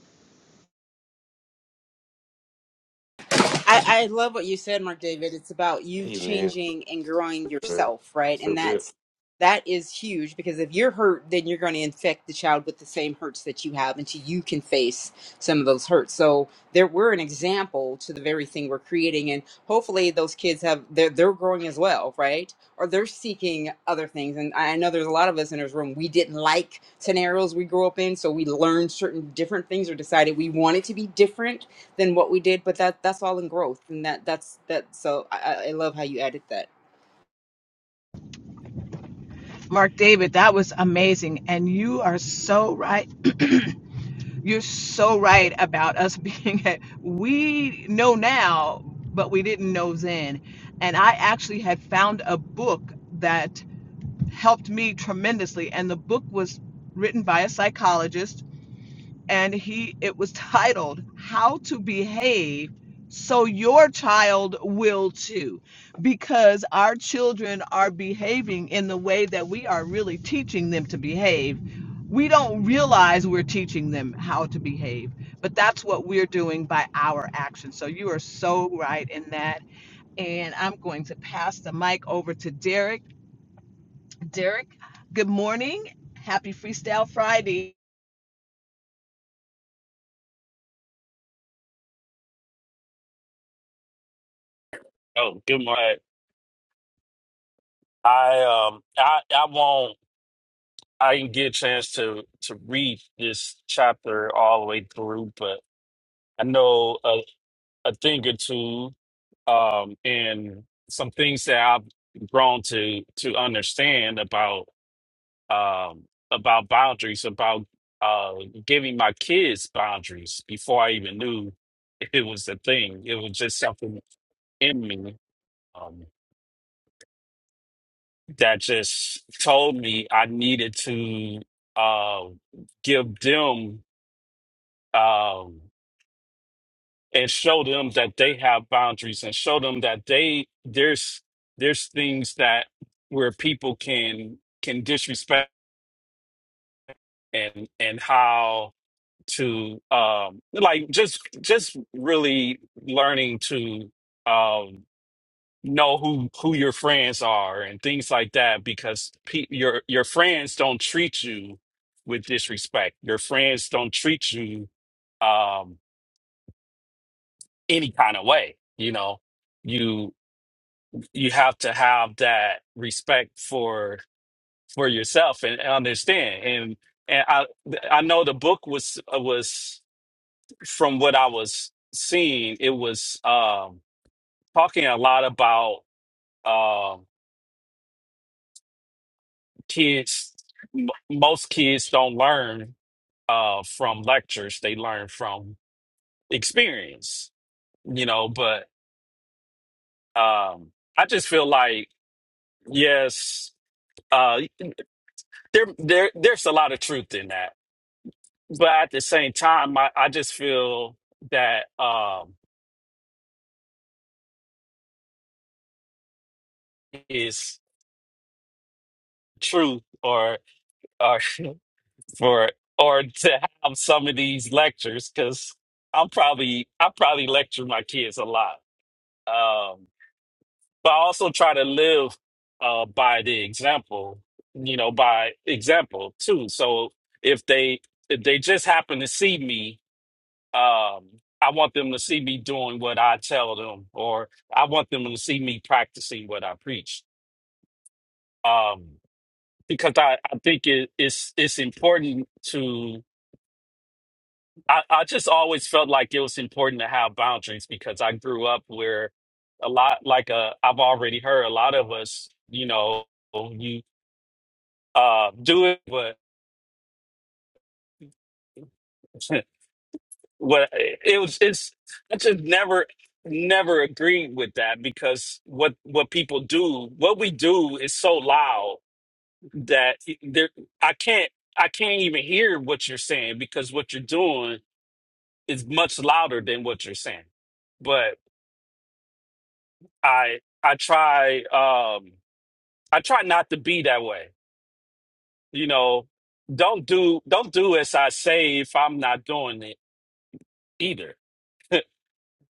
Speaker 6: I, I love what you said, Mark David. It's about you
Speaker 3: Hey, man.
Speaker 6: changing and growing yourself, right?
Speaker 3: So
Speaker 6: And
Speaker 3: good.
Speaker 6: that's that is huge because if you're hurt, then you're going to infect the child with the same hurts that you have until you can face some of those hurts. So there, we're an example to the very thing we're creating, and hopefully those kids have they're they're growing as well, right? Or they're seeking other things. And I I know there's a lot of us in this room we didn't like scenarios we grew up in, so we learned certain different things or decided we wanted to be different than what we did but that that's all in growth and that that's that so i i love how you added that
Speaker 1: Mark David, that was amazing. And you are so right. You're so right about us [LAUGHS] being at, we know now, but we didn't know then. And I actually had found a book that helped me tremendously. And the book was written by a psychologist and he it was titled how to behave so your child will too because our children are behaving in the way that we are really teaching them to behave we don't realize we're teaching them how to behave but that's what we're doing by our actions so you are so right in that and i'm going to pass the mic over to derek derek good morning happy freestyle friday
Speaker 9: Oh, good morning. I um I I won't I didn't get a chance to to read this chapter all the way through, but I know a, a thing or two um and some things that I've grown to to understand about um about boundaries, about uh giving my kids boundaries before I even knew it was a thing. It was just something in me. Um. that just told me I needed to uh, give them um, and show them that they have boundaries and show them that they there's there's things that where people can can disrespect and and how to um like just just really learning to um know who who your friends are and things like that because pe- your your friends don't treat you with disrespect. Your friends don't treat you um any kind of way, you know. You you have to have that respect for for yourself and, and understand. And and I I know the book was uh, was from what I was seeing, it was um talking a lot about um, kids m- most kids don't learn uh from lectures they learn from experience you know but um i just feel like yes uh there there there's a lot of truth in that but at the same time i, I just feel that um is truth or or [LAUGHS] for or to have some of these lectures because i'm probably i probably lecture my kids a lot um but I also try to live uh, by the example, you know, by example too. So if they if they just happen to see me, um, I want them to see me doing what I tell them, or I want them to see me practicing what I preach. Um, because I, I think it, it's it's important to I, I just always felt like it was important to have boundaries because I grew up where a lot like uh, I've already heard a lot of us, you know, you. uh, do it, but [LAUGHS] what it was it's I just never never agree with that because what what people do what we do is so loud that there I can't I can't even hear what you're saying because what you're doing is much louder than what you're saying. But I I try um I try not to be that way. You know, don't do don't do as I say if I'm not doing it either. [LAUGHS]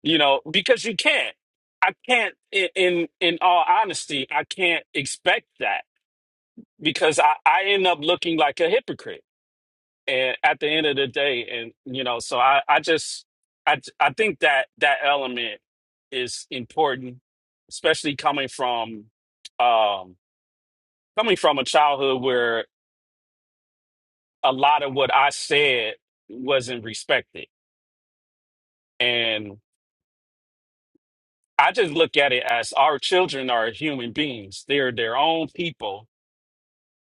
Speaker 9: you know because you can't i can't i- in in all honesty i can't expect that because i i end up looking like a hypocrite and at the end of the day and you know so i i just i i think that that element is important especially coming from um coming from a childhood where a lot of what i said wasn't respected and I just look at it as our children are human beings. They're their own people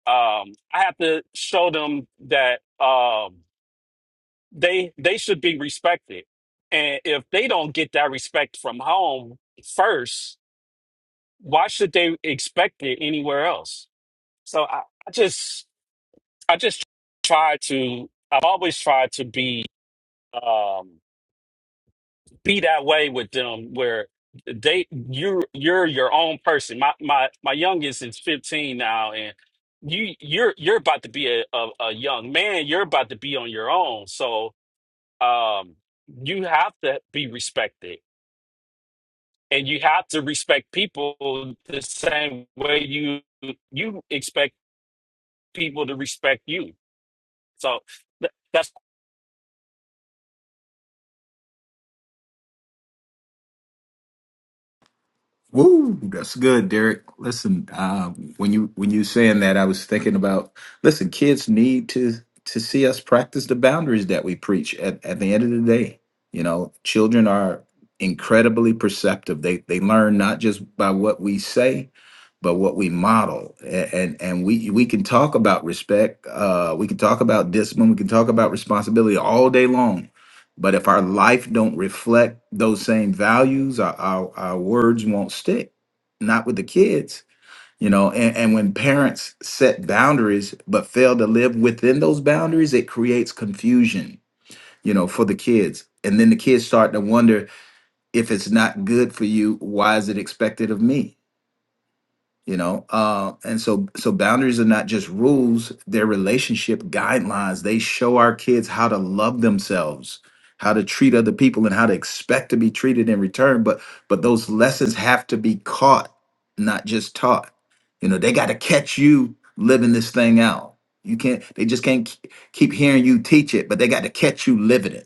Speaker 9: um, I have to show them that um, they they should be respected, and if they don't get that respect from home first, why should they expect it anywhere else? So I, I just I just try to I've always tried to be. um, be that way with them where they you're you're your own person my my my youngest is 15 now and you you're you're about to be a, a, a young man you're about to be on your own so um you have to be respected and you have to respect people the same way you you expect people to respect you so th- that's
Speaker 5: Woo, that's good, Derek. Listen, uh, when you when you saying that, I was thinking about listen, kids need to to see us practice the boundaries that we preach at, at the end of the day. You know, children are incredibly perceptive. They they learn not just by what we say, but what we model. A- And and we we can talk about respect, uh, we can talk about discipline, we can talk about responsibility all day long but if our life don't reflect those same values, our, our, our words won't stick. Not with the kids, you know. And, and when parents set boundaries but fail to live within those boundaries, it creates confusion, you know, for the kids. And then the kids start to wonder if it's not good for you, why is it expected of me? you know uh and so so boundaries are not just rules they're relationship guidelines they show our kids how to love themselves how to treat other people and how to expect to be treated in return but but those lessons have to be caught not just taught you know they got to catch you living this thing out you can't they just can't k- keep hearing you teach it but they got to catch you living it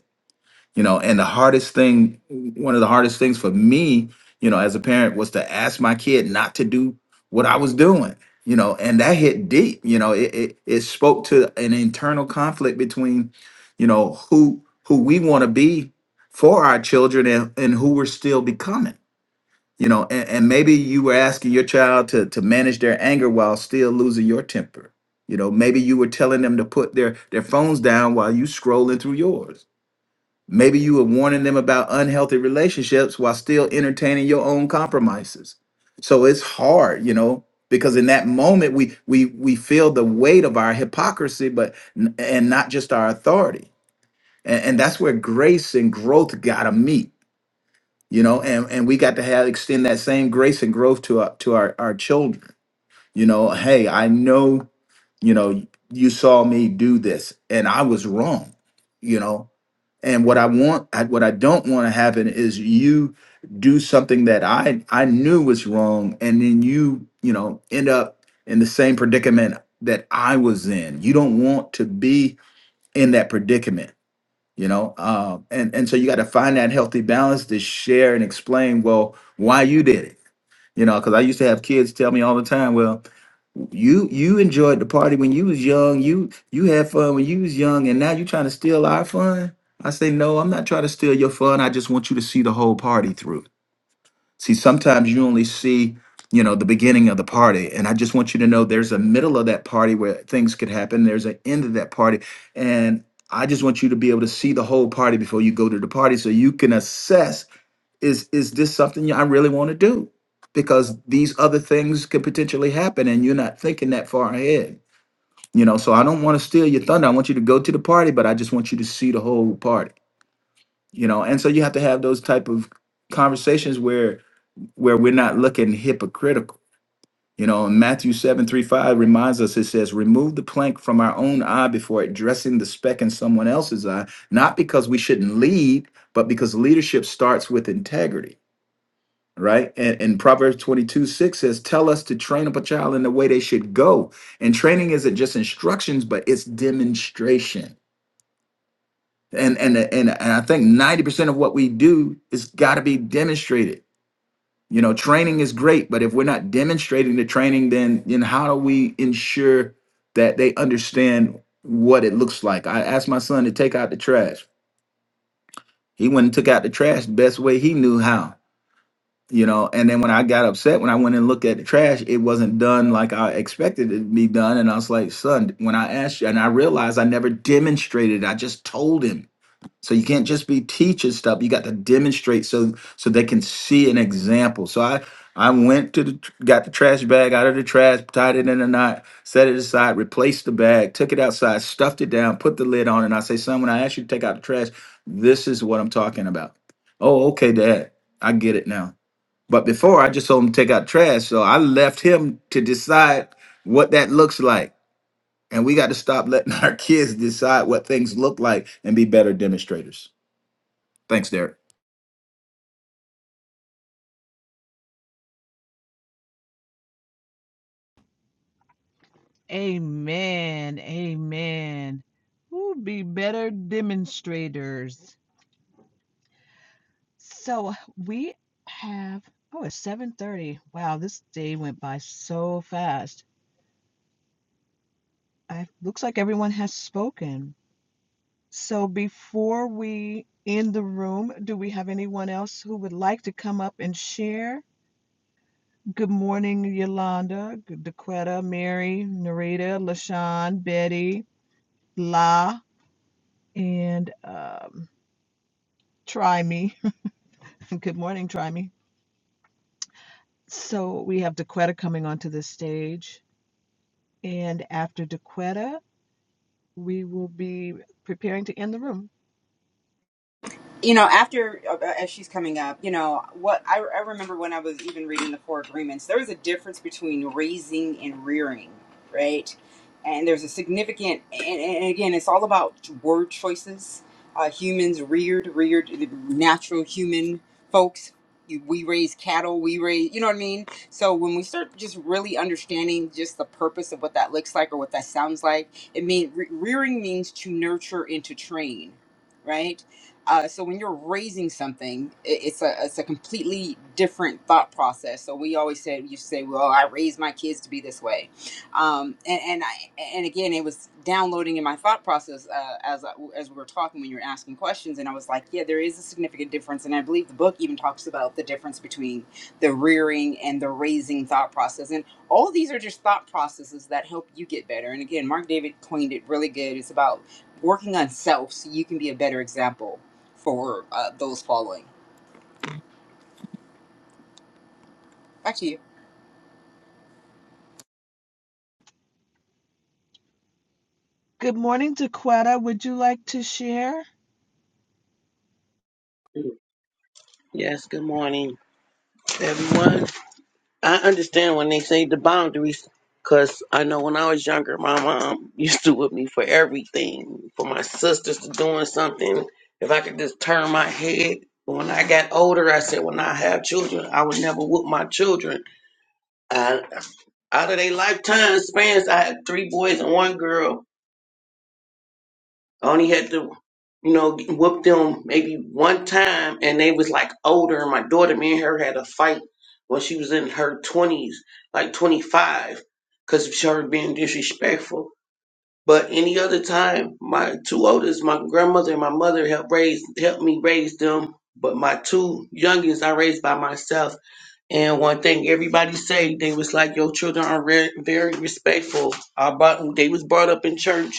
Speaker 5: you know and the hardest thing one of the hardest things for me you know as a parent was to ask my kid not to do what i was doing you know and that hit deep you know it it, it spoke to an internal conflict between you know who who we want to be for our children and, and who we're still becoming you know and, and maybe you were asking your child to to manage their anger while still losing your temper you know maybe you were telling them to put their their phones down while you scrolling through yours Maybe you were warning them about unhealthy relationships while still entertaining your own compromises. So it's hard, you know, because in that moment we we we feel the weight of our hypocrisy, but n- and not just our authority. And, and that's where grace and growth gotta meet, you know, and, and we got to have extend that same grace and growth to our to our, our children you know, hey, I know, you know, you saw me do this and I was wrong, you know. And what I want, I, what I don't want to happen is you do something that I I knew was wrong, and then you you know end up in the same predicament that I was in. You don't want to be in that predicament, you know. Uh, and and so you got to find that healthy balance to share and explain well why you did it, you know. Because I used to have kids tell me all the time, well. You you enjoyed the party when you was young. You you had fun when you was young, and now you trying to steal our fun. I say no. I'm not trying to steal your fun. I just want you to see the whole party through. See, sometimes you only see you know the beginning of the party, and I just want you to know there's a middle of that party where things could happen. There's an end of that party, and I just want you to be able to see the whole party before you go to the party, so you can assess is is this something I really want to do? Because these other things could potentially happen and you're not thinking that far ahead. You know, so I don't want to steal your thunder. I want you to go to the party, but I just want you to see the whole party. You know, and so you have to have those type of conversations where where we're not looking hypocritical. You know, and Matthew seven three five reminds us it says, remove the plank from our own eye before addressing the speck in someone else's eye, not because we shouldn't lead, but because leadership starts with integrity right? And, and Proverbs 22 6 says, Tell us to train up a child in the way they should go. And training isn't just instructions, but it's demonstration. And, and, and, and I think 90% of what we do is got to be demonstrated. You know, training is great, but if we're not demonstrating the training, then, then how do we ensure that they understand what it looks like? I asked my son to take out the trash. He went and took out the trash the best way he knew how you know and then when i got upset when i went and looked at the trash it wasn't done like i expected it to be done and i was like son when i asked you and i realized i never demonstrated i just told him so you can't just be teaching stuff you got to demonstrate so so they can see an example so i i went to the tr- got the trash bag out of the trash tied it in a knot set it aside replaced the bag took it outside stuffed it down put the lid on and i say son when i asked you to take out the trash this is what i'm talking about oh okay dad i get it now but before I just told him to take out trash. So I left him to decide what that looks like. And we got to stop letting [LAUGHS] our kids decide what things look like and be better demonstrators. Thanks, Derek.
Speaker 1: Amen. Amen. We'll be better demonstrators. So we have oh it's 7:30. Wow, this day went by so fast. I looks like everyone has spoken. So before we end the room, do we have anyone else who would like to come up and share? Good morning, Yolanda, Daquetta, Mary, Narita, LaShawn, Betty, La, and um, Try Me. Good morning, Trimey. So we have DeQuetta coming onto the stage, and after DeQuetta, we will be preparing to end the room.
Speaker 6: you know, after uh, as she's coming up, you know, what I, I remember when I was even reading the Four Agreements, there was a difference between raising and rearing, right? And there's a significant, and, and again, it's all about word choices. Uh, humans reared, reared, the natural human folks. You, we raise cattle, we raise, you know what I mean? So when we start just really understanding just the purpose of what that looks like or what that sounds like, it mean re- rearing means to nurture and to train, right? Uh, so when you're raising something, it, it's a it's a completely different thought process. So we always said you say, "Well, I raised my kids to be this way," um, and and I and again, it was downloading in my thought process uh, as I- as we were talking when you were asking questions, and I was like, "Yeah, there is a significant difference," and I believe the book even talks about the difference between the rearing and the raising thought process, and all these are just thought processes that help you get better. And again, Mark David coined it really good. It's about working on self so you can be a better example for uh, those following. Back to you.
Speaker 10: Yes, good morning, everyone. I understand when they say the boundaries, because I know when I was younger, my mom [LAUGHS] used to whip me for everything, for my sisters to doing something. If I could just turn my head. But when I got older, I said, when I have children, I would never whoop my children. I, out of their lifetime spans, I had three boys and one girl. I only had to, you know, whoop them maybe one time, and they was like older. And my daughter, me and her had a fight when she was in her twenties, like twenty five, because of her being disrespectful. But any other time, my two oldest, my grandmother and my mother helped raise, helped me raise them. But my two youngest, I raised by myself. And one thing everybody say, they was like, your children are re- very respectful. I brought, they was brought up in church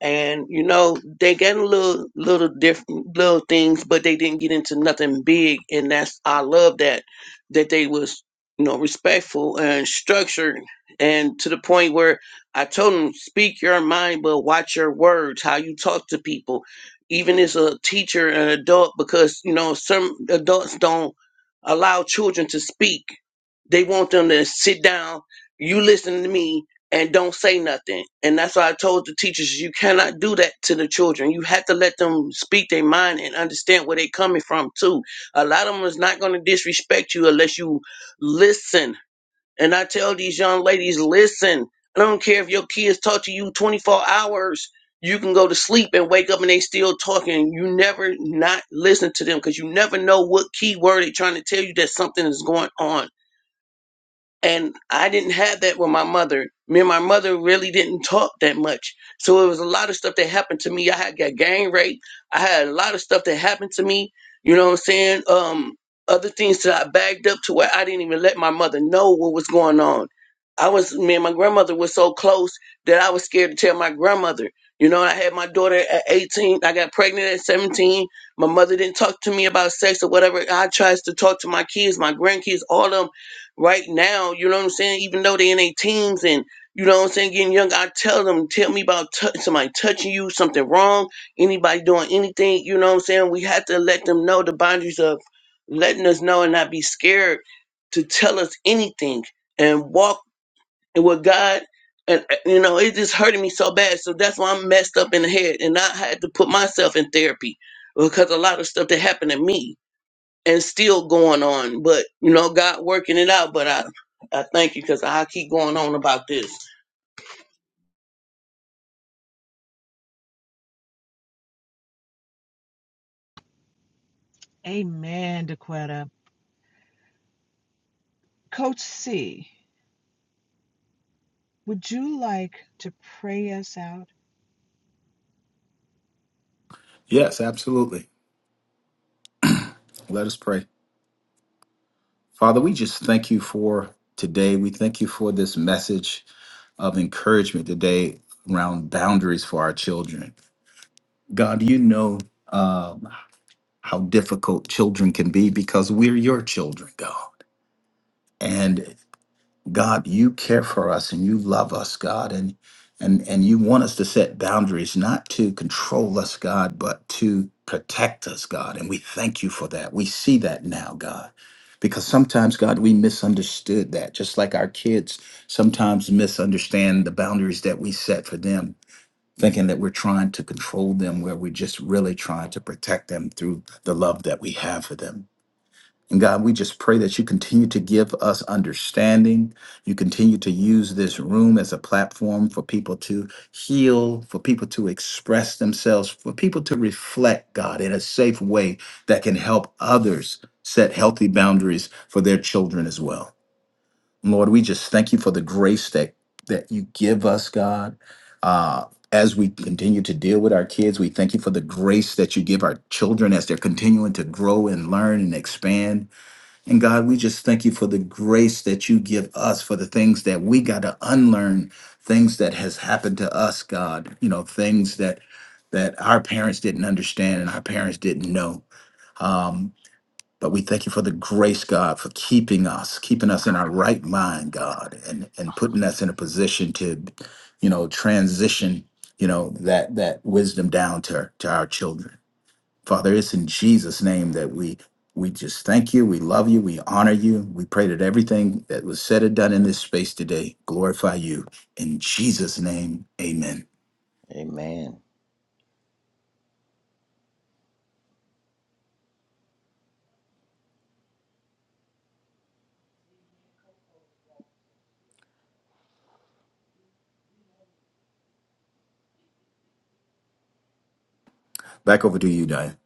Speaker 10: and you know they got a little little different little things but they didn't get into nothing big and that's i love that that they was you know respectful and structured and to the point where i told them speak your mind but watch your words how you talk to people even as a teacher and adult because you know some adults don't allow children to speak they want them to sit down you listen to me and don't say nothing. And that's why I told the teachers you cannot do that to the children. You have to let them speak their mind and understand where they're coming from too. A lot of them is not going to disrespect you unless you listen. And I tell these young ladies, listen. I don't care if your kids talk to you 24 hours. You can go to sleep and wake up and they still talking. You never not listen to them because you never know what key word they're trying to tell you that something is going on and I didn't have that with my mother. Me and my mother really didn't talk that much. So it was a lot of stuff that happened to me. I had got gang raped. I had a lot of stuff that happened to me. You know what I'm saying? Um, other things that I bagged up to where I didn't even let my mother know what was going on. I was me and my grandmother were so close that I was scared to tell my grandmother. You know, and I had my daughter at 18. I got pregnant at 17. My mother didn't talk to me about sex or whatever. I tries to talk to my kids, my grandkids, all of them right now, you know what I'm saying? Even though they're in their teens and you know what I'm saying, getting young, I tell them, tell me about tou- somebody touching you, something wrong, anybody doing anything, you know what I'm saying? We have to let them know the boundaries of letting us know and not be scared to tell us anything and walk with God. And uh, you know, it just hurting me so bad. So that's why I'm messed up in the head and I had to put myself in therapy because a lot of stuff that happened to me and still going on. But you know, God working it out. But I, I thank you because I keep going on about this.
Speaker 5: Yes, absolutely. Let us pray. Father, we just thank you for today. We thank you for this message of encouragement today around boundaries for our children. God, you know um, how difficult children can be because we're your children, God. God, you care for us and you love us, God, and and and you want us to set boundaries, not to control us, God, but to protect us, God. And we thank you for that. We see that now, God. Because sometimes, God, we misunderstood that, just like our kids sometimes misunderstand the boundaries that we set for them, thinking that we're trying to control them where we're just really trying to protect them through the love that we have for them. And God, we just pray that you continue to give us understanding. You continue to use this room as a platform for people to heal, for people to express themselves, for people to reflect, God, in a safe way that can help others set healthy boundaries for their children as well. Lord, we just thank you for the grace that, that you give us, God. Uh, as we continue to deal with our kids, we thank you for the grace that you give our children as they're continuing to grow and learn and expand. And God, we just thank you for the grace that you give us for the things that we got to unlearn, things that has happened to us, God. You know, things that that our parents didn't understand and our parents didn't know. Um, but we thank you for the grace, God, for keeping us, keeping us in our right mind, God, and and putting us in a position to, you know, transition, you know, that that wisdom down to to our children. Father, it's in Jesus' name that we we just thank you, we love you, we honor you. We pray that everything that was said and done in this space today glorify you. In Jesus' name, amen.
Speaker 2: Amen.
Speaker 5: Back over to you, Diane.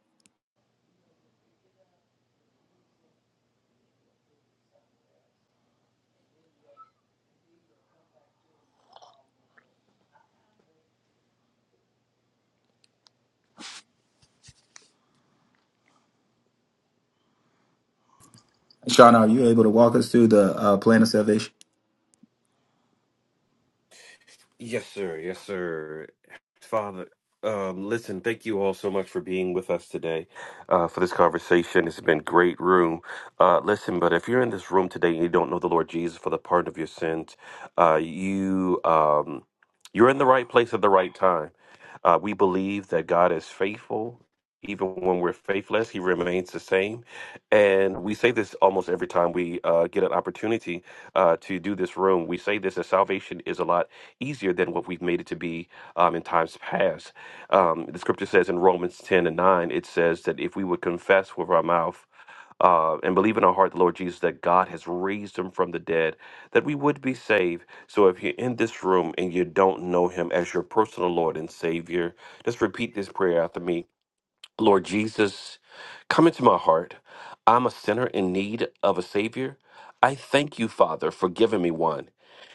Speaker 5: Sean, are you able to walk us through the uh, plan of salvation?
Speaker 3: Yes, sir. Yes, sir. Father, um, listen, thank you all so much for being with us today uh, for this conversation. It's been great room. Uh, listen, but if you're in this room today and you don't know the Lord Jesus for the pardon of your sins, uh, you um, you're in the right place at the right time. Uh, we believe that God is faithful. Even when we're faithless, He remains the same. And we say this almost every time we uh, get an opportunity uh, to do this room. We say this that salvation is alive easier than what we've made it to be um, in times past. Um, the scripture says in Romans 10 and 9, it says that if we would confess with our mouth uh, and believe in our heart the Lord Jesus that God has raised him from the dead, that we would be saved. So if you're in this room and you don't know him as your personal Lord and Savior, just repeat this prayer after me. Lord Jesus, come into my heart. I'm a sinner in need of a Savior. I thank you, Father, for giving me one.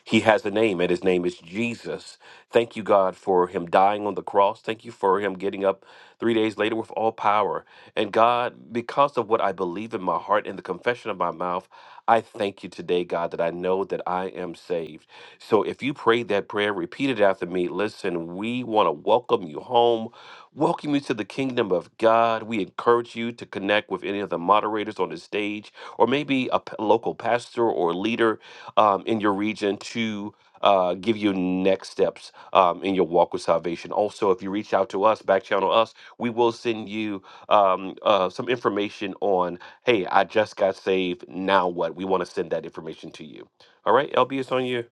Speaker 3: He has a name, and his name is Jesus. Thank you, God, for him dying on the cross. Thank you for him getting up three days later with all power. And God, because of what I believe in my heart and the confession of my mouth, I thank you today, God, that I know that I am saved. So if you prayed that prayer, repeat it after me. Listen, we want to welcome you home. Welcome you to the kingdom of God. We encourage you to connect with any of the moderators on the stage, or maybe a p- local pastor or leader um, in your region to uh, give you next steps um, in your walk with salvation. Also, if you reach out to us, back channel us, we will send you um, uh, some information on, hey, I just got saved. Now what? We want to send that information to you. All right, LB, it's on you.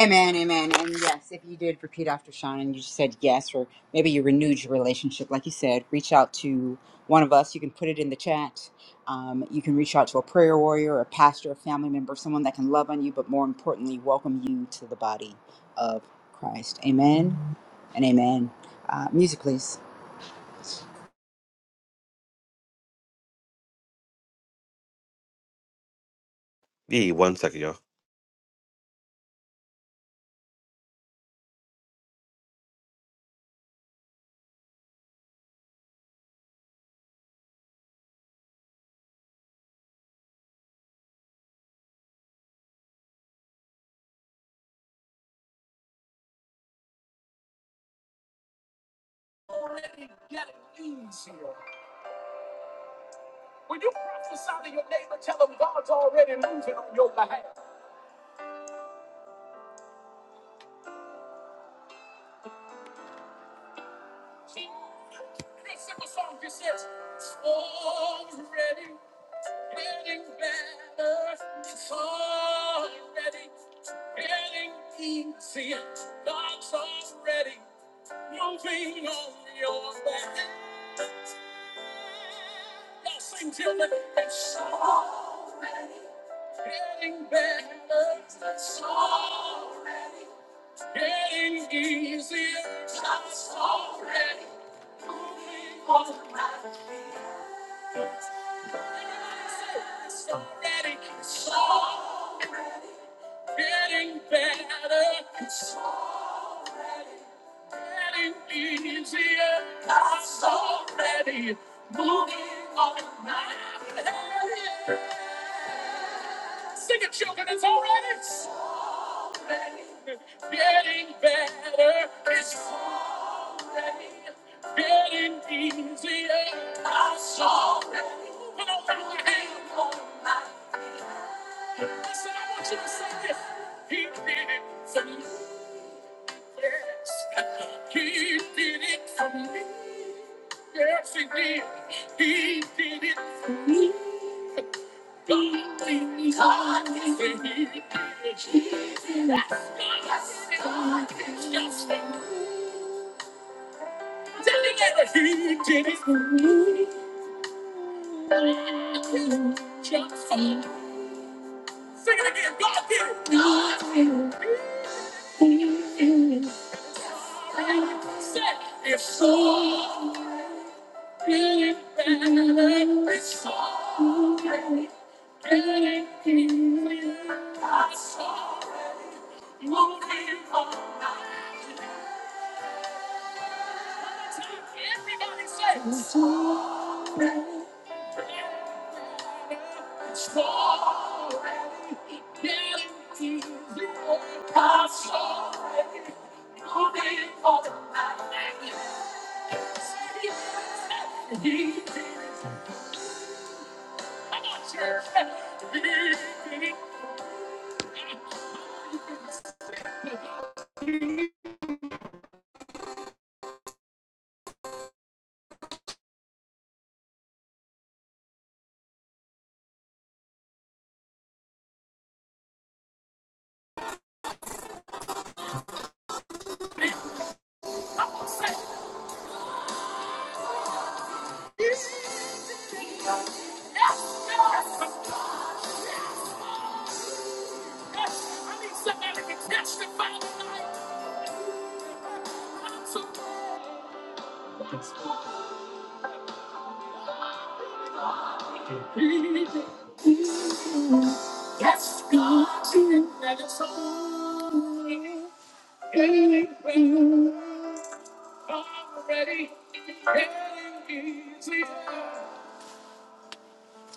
Speaker 6: Amen, amen. And yes, if you did repeat after Sean and you just said yes, or maybe you renewed your relationship, like you said, reach out to one of us. You can put it in the chat. Um, you can reach out to a prayer warrior, a pastor, a family member, someone that can love on you, but more importantly, welcome you to the body of Christ. Amen and amen. Uh, music, please.
Speaker 3: Yeah, one second, y'all. When you prophesy to your neighbor, tell them God's already moving on your behalf. Real simple song just says, It's already getting better. It's already getting easier. God's already moving on your behalf. Y'all sing till me. It's already getting better. It's already Getting easier. Just already moving on my feet. It's already, it's already getting better. It's already easier. It's already moving on my feet. Sing it, children. It's already, it's already getting better. It's Getting easier. I saw that he was holding on by the hand all night. Listen, I want you to say this. He did it for me. Yes, he did. He did it for me. He did it for me. Yes, he did it for me. Yes, he did it for me. Yes, he did it for me. Jump, sing it again, go again. It's so good, feeling better. It's so great, feeling here. I'm so ready, moving all night. Yes, yes. I need somebody to testify tonight. I'm so Yes, God, let us all already getting easier.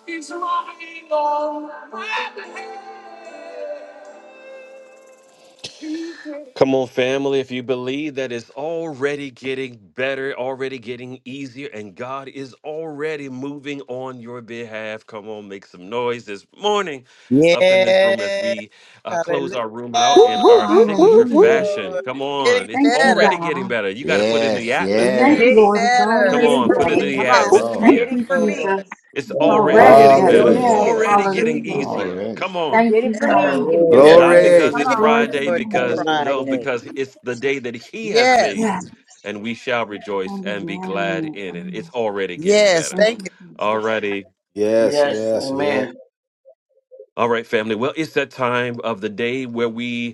Speaker 3: He's running on my head. Come on, family. If you believe that it's already getting better, already getting easier, and God is already moving on your behalf, come on, make some noise this morning up in this room as
Speaker 4: Yeah.
Speaker 3: we uh, close our room out
Speaker 5: Whoop,
Speaker 3: in
Speaker 5: whoop,
Speaker 3: our
Speaker 4: Hallelujah.
Speaker 5: whoop,
Speaker 3: signature
Speaker 5: whoop,
Speaker 11: Hallelujah.
Speaker 5: whoop.
Speaker 3: fashion.
Speaker 4: Lord.
Speaker 3: Come
Speaker 4: Getting
Speaker 3: on, it's
Speaker 11: Thank you,
Speaker 3: already
Speaker 4: better.
Speaker 3: getting
Speaker 11: God.
Speaker 3: better. You got to put it in the
Speaker 2: Yes,
Speaker 6: You
Speaker 11: Thank
Speaker 3: atmosphere.
Speaker 6: did.
Speaker 4: Getting
Speaker 11: you,
Speaker 2: yes.
Speaker 11: Lord. It's
Speaker 3: Come
Speaker 4: better.
Speaker 11: already
Speaker 3: on,
Speaker 5: Whoop,
Speaker 3: put it in
Speaker 11: better.
Speaker 6: it.
Speaker 5: whoop,
Speaker 3: the
Speaker 2: Thank
Speaker 6: Come
Speaker 5: whoop,
Speaker 2: you,
Speaker 5: whoop,
Speaker 4: Yes,
Speaker 6: on.
Speaker 2: Lord.
Speaker 11: Thank
Speaker 6: Did
Speaker 3: atmosphere.
Speaker 5: whoop.
Speaker 6: it
Speaker 11: you,
Speaker 6: for
Speaker 4: Lord.
Speaker 6: me.
Speaker 11: Jesus.
Speaker 3: It's
Speaker 11: It's
Speaker 6: Do,
Speaker 3: already
Speaker 11: already
Speaker 6: he
Speaker 3: getting
Speaker 10: Amen.
Speaker 6: can
Speaker 11: better.
Speaker 6: do it
Speaker 3: better,
Speaker 6: for
Speaker 10: Yes.
Speaker 4: We're
Speaker 5: Hallelujah.
Speaker 11: Yes.
Speaker 2: Yes,
Speaker 6: you.
Speaker 3: already getting
Speaker 4: looking
Speaker 11: Hallelujah.
Speaker 4: forward.
Speaker 3: easier.
Speaker 2: already.
Speaker 3: Come
Speaker 4: Getting-
Speaker 3: on.
Speaker 11: Thank
Speaker 6: Did it
Speaker 11: you,
Speaker 6: for me. He
Speaker 11: God.
Speaker 6: can do
Speaker 10: Hallelujah.
Speaker 6: it for
Speaker 3: Not
Speaker 10: Thank
Speaker 6: you.
Speaker 3: because
Speaker 5: Glory.
Speaker 6: Come
Speaker 3: it's
Speaker 4: Thank
Speaker 6: on.
Speaker 10: you.
Speaker 4: you,
Speaker 11: Glory to
Speaker 3: Friday,
Speaker 11: your
Speaker 4: Lord, this
Speaker 11: name.
Speaker 3: because no,
Speaker 10: Hallelujah.
Speaker 4: Friday.
Speaker 3: because it's the day that He has made,
Speaker 11: Yes.
Speaker 4: Yes.
Speaker 3: and we shall rejoice
Speaker 11: Thank you,
Speaker 3: and be
Speaker 11: God.
Speaker 3: glad
Speaker 11: Amen.
Speaker 3: in it. It's
Speaker 11: Amen.
Speaker 3: already getting
Speaker 4: Yes.
Speaker 3: better.
Speaker 11: Thank
Speaker 4: Thank
Speaker 11: you,
Speaker 4: you.
Speaker 11: Jesus.
Speaker 3: Alrighty.
Speaker 5: Yes,
Speaker 10: Yes.
Speaker 5: yes, yes.
Speaker 10: Amen.
Speaker 3: All right, family. Well, it's that time of the day where we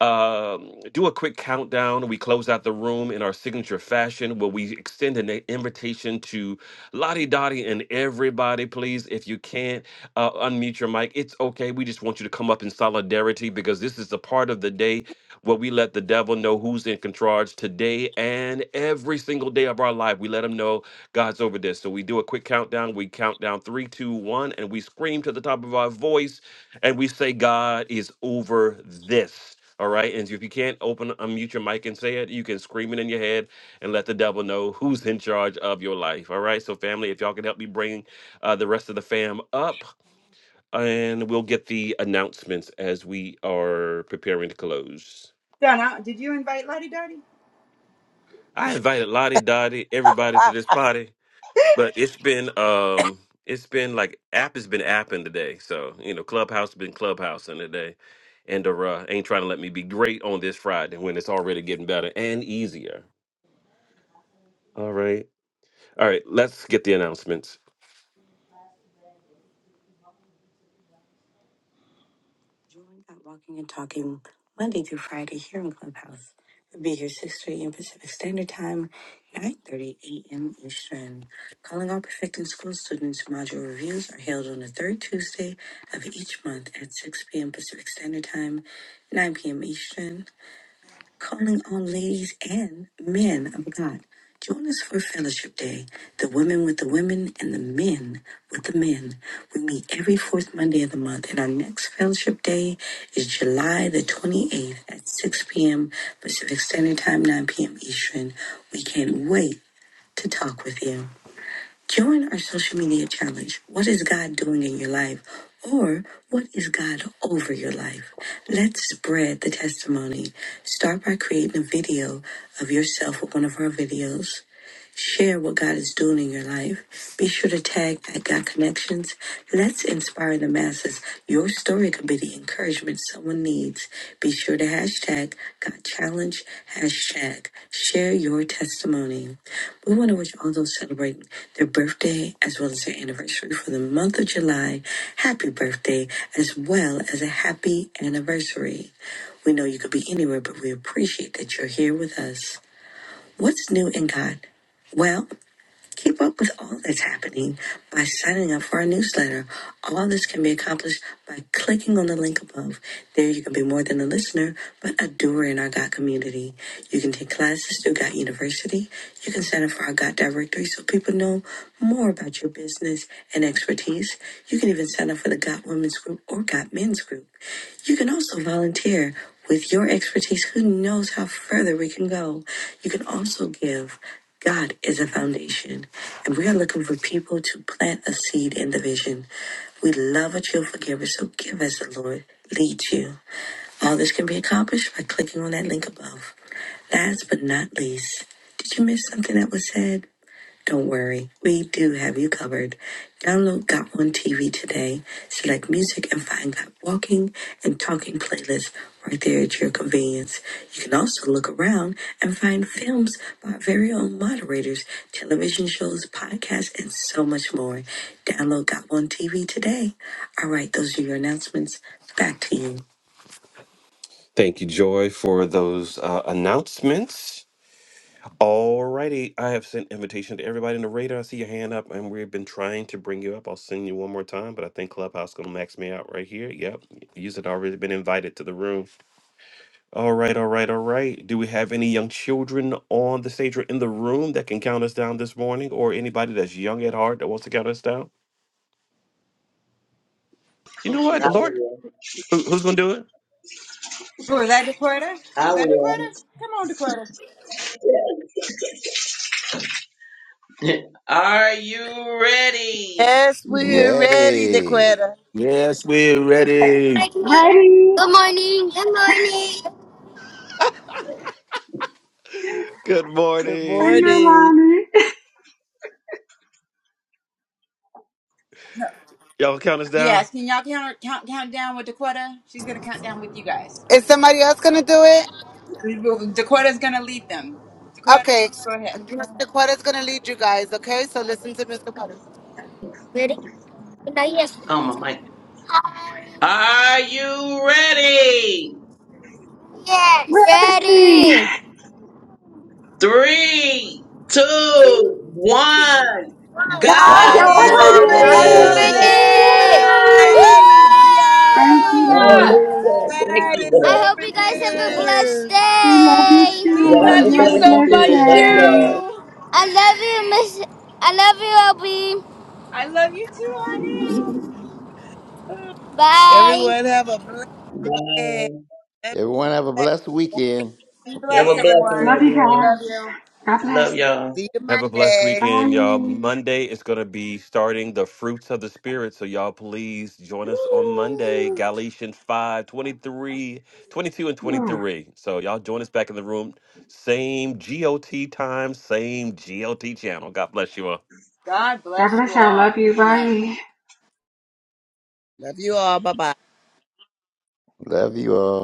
Speaker 3: um, do a quick countdown. We close out the room in our signature fashion where we extend an invitation to Lottie Dottie and everybody, please. If you can't uh, unmute your mic, it's okay. We just want you to come up in solidarity because this is the part of the day where we let the devil know who's in control today and every single day of our life. We let him know God's over this. So we do a quick countdown. We count down three, two, one, and we scream to the top of our voice and we say, God is over this. All right. And if you can't open, unmute your mic and say it, you can scream it in your head and let the devil know who's in charge of your life. All right. So, family, if y'all can help me bring uh, the rest of the fam up, and we'll get the announcements as we are preparing to close.
Speaker 6: Donna, did you invite Lottie Dottie?
Speaker 3: I invited Lottie Dottie, everybody to this party, but it's been um it's been like app has been apping today. So, you know, Clubhouse has been clubhousing today. And uh, ain't trying to let me be great on this Friday when it's already getting better and easier. All right. All right. Let's get the announcements. Join at Walking and Talking Monday through Friday here in Clubhouse. We'll be here 6.30 in Pacific Standard Time, 9.30 a.m. Eastern. Calling all Perfecting School students, module reviews are held on the third Tuesday of each month at 6 p.m. Pacific Standard Time, 9 p.m. Eastern. calling on ladies and men of God. Join us for Fellowship Day, the women with the women and the men with the men. We meet every fourth Monday of the month, and our next Fellowship Day is July the 28th at 6 p.m. Pacific Standard Time, 9 p.m. Eastern. We can't wait to talk with you. Join our social media challenge. What is God doing in your life? Or what is God over your life? Let's spread the testimony. Start by creating a video of yourself with one of our videos. Share what God is doing in your life. Be sure to tag at God Connections. Let's inspire the masses. Your story could be the encouragement someone needs. Be sure to hashtag God Challenge, hashtag share your testimony. We want to wish all those celebrating their birthday as well as their anniversary for the month of July happy birthday as well as a happy anniversary. We know you could be anywhere, but we appreciate that you're here with us. What's new in God? Well. Keep up with all that's happening by signing up for our newsletter. All this can be accomplished by clicking on the link above. There, you can be more than a listener, but a doer in our Got community. You can take classes through Got University. You can sign up for our Got directory so people know more about your business and expertise. You can even sign up for the Got Women's Group or Got Men's Group. You can also volunteer. With your expertise, who knows how further we can go? You can also give. God is a foundation, and we are looking for people to plant a seed in the vision. We love a cheerful giver, so give as the Lord leads you. All this can be accomplished by clicking on that link above. Last but not least, did you miss something that was said? Don't worry, we do have you covered. Download Got One TV today, select music, and find Got Walking and Talking playlists right there at your convenience. You can also look around and find films by our very own moderators, television shows, podcasts, and so much more. Download Got One TV today. All right, those are your announcements. Back to you. Thank you, Joy, for those uh, announcements. Alrighty, I have sent invitation to everybody in the radar. I see your hand up, and we've been trying to bring you up. I'll send you one more time, but I think Clubhouse gonna max me out right here. Yep, you had already been invited to the room. All right, all right, all right. Do we have any young children on the stage or in the room that can count us down this morning, or anybody that's young at heart that wants to count us down? You know what,
Speaker 10: I
Speaker 3: the Lord,
Speaker 10: will.
Speaker 3: Who, who's gonna do it?
Speaker 6: Was that Dakota?
Speaker 10: I
Speaker 6: Was that
Speaker 10: will.
Speaker 6: Dakota? Come on, Dakota.
Speaker 10: [LAUGHS] Are you ready?
Speaker 4: Yes, we're ready,
Speaker 2: Ready.
Speaker 4: Dequetta.
Speaker 5: Yes, we're ready.
Speaker 12: Good
Speaker 11: Ready?
Speaker 12: morning. Good morning.
Speaker 3: Good
Speaker 4: Good
Speaker 11: I'm
Speaker 3: morning,
Speaker 4: morning.
Speaker 11: Armani. [LAUGHS]
Speaker 6: No.
Speaker 3: y'all. Count us down.
Speaker 6: Yes, can y'all count, count, count down with Dakota? She's going to count down with you guys.
Speaker 12: Is somebody else gonna do it?
Speaker 6: Dakota's going to lead them. Dakota,
Speaker 12: Okay.
Speaker 6: go ahead.
Speaker 12: Mr. Quetta's gonna lead you guys, okay? So listen to Mr. Quetta.
Speaker 10: Oh my mic. Are you ready?
Speaker 12: Yes.
Speaker 11: Ready?
Speaker 12: Ready.
Speaker 10: Three, two,
Speaker 12: Three, two,
Speaker 10: one.
Speaker 12: one.
Speaker 10: God
Speaker 11: God's
Speaker 4: God
Speaker 10: is
Speaker 2: God's
Speaker 4: is
Speaker 2: over
Speaker 10: over
Speaker 4: over
Speaker 11: over
Speaker 2: this.
Speaker 5: Yes.
Speaker 11: this.
Speaker 10: this.
Speaker 4: this.
Speaker 12: Ready. Woo!
Speaker 6: Yes!
Speaker 11: Woo.
Speaker 2: Woo!
Speaker 11: Thank
Speaker 4: Hallelujah.
Speaker 11: you, Lord.
Speaker 6: Hallelujah!
Speaker 10: Hallelujah. Thank
Speaker 4: God
Speaker 10: you,
Speaker 4: is
Speaker 12: I
Speaker 10: Lord.
Speaker 12: hope
Speaker 4: over
Speaker 12: you guys
Speaker 10: Thank
Speaker 12: have
Speaker 10: you,
Speaker 12: a
Speaker 10: Father.
Speaker 12: blessed
Speaker 4: this.
Speaker 11: We love you
Speaker 12: day.
Speaker 2: Have a
Speaker 6: We
Speaker 10: Y'all
Speaker 11: too.
Speaker 10: have a
Speaker 6: love
Speaker 11: You
Speaker 2: blessed
Speaker 6: you
Speaker 11: have a
Speaker 10: blessing
Speaker 6: so
Speaker 11: blessed
Speaker 6: much,
Speaker 10: too. Love
Speaker 2: weekend.
Speaker 11: day.
Speaker 10: y'all.
Speaker 6: too.
Speaker 12: I love you, Miss. I love you, Obi.
Speaker 6: I love you, too, honey.
Speaker 10: [LAUGHS]
Speaker 12: Bye.
Speaker 4: Everyone have a blessed,
Speaker 10: Bye.
Speaker 2: Everyone have a blessed
Speaker 4: blessed
Speaker 2: weekend.
Speaker 6: Be
Speaker 10: Have
Speaker 6: blessed,
Speaker 10: a
Speaker 4: weekend.
Speaker 10: blessing,
Speaker 11: Love
Speaker 6: everyone.
Speaker 11: you
Speaker 10: everyone.
Speaker 6: Love
Speaker 11: guys.
Speaker 6: you.
Speaker 11: God
Speaker 10: Love
Speaker 11: bless.
Speaker 10: y'all.
Speaker 4: See you
Speaker 3: Have a blessed
Speaker 4: Monday.
Speaker 11: Bye.
Speaker 3: weekend, y'all.
Speaker 11: Ooh,
Speaker 3: Monday is going to be starting the fruits of the spirit. So, y'all, please join us on Monday, Galatians 5 23, 22 and 23. So, y'all join us back in the room. Same GOT time, same GOT channel. God bless you all.
Speaker 6: God
Speaker 11: God
Speaker 6: bless you
Speaker 11: bless y'all.
Speaker 6: all.
Speaker 11: Love you.
Speaker 6: Amen.
Speaker 11: Bye.
Speaker 4: Love you all. Bye bye.
Speaker 2: Love you all.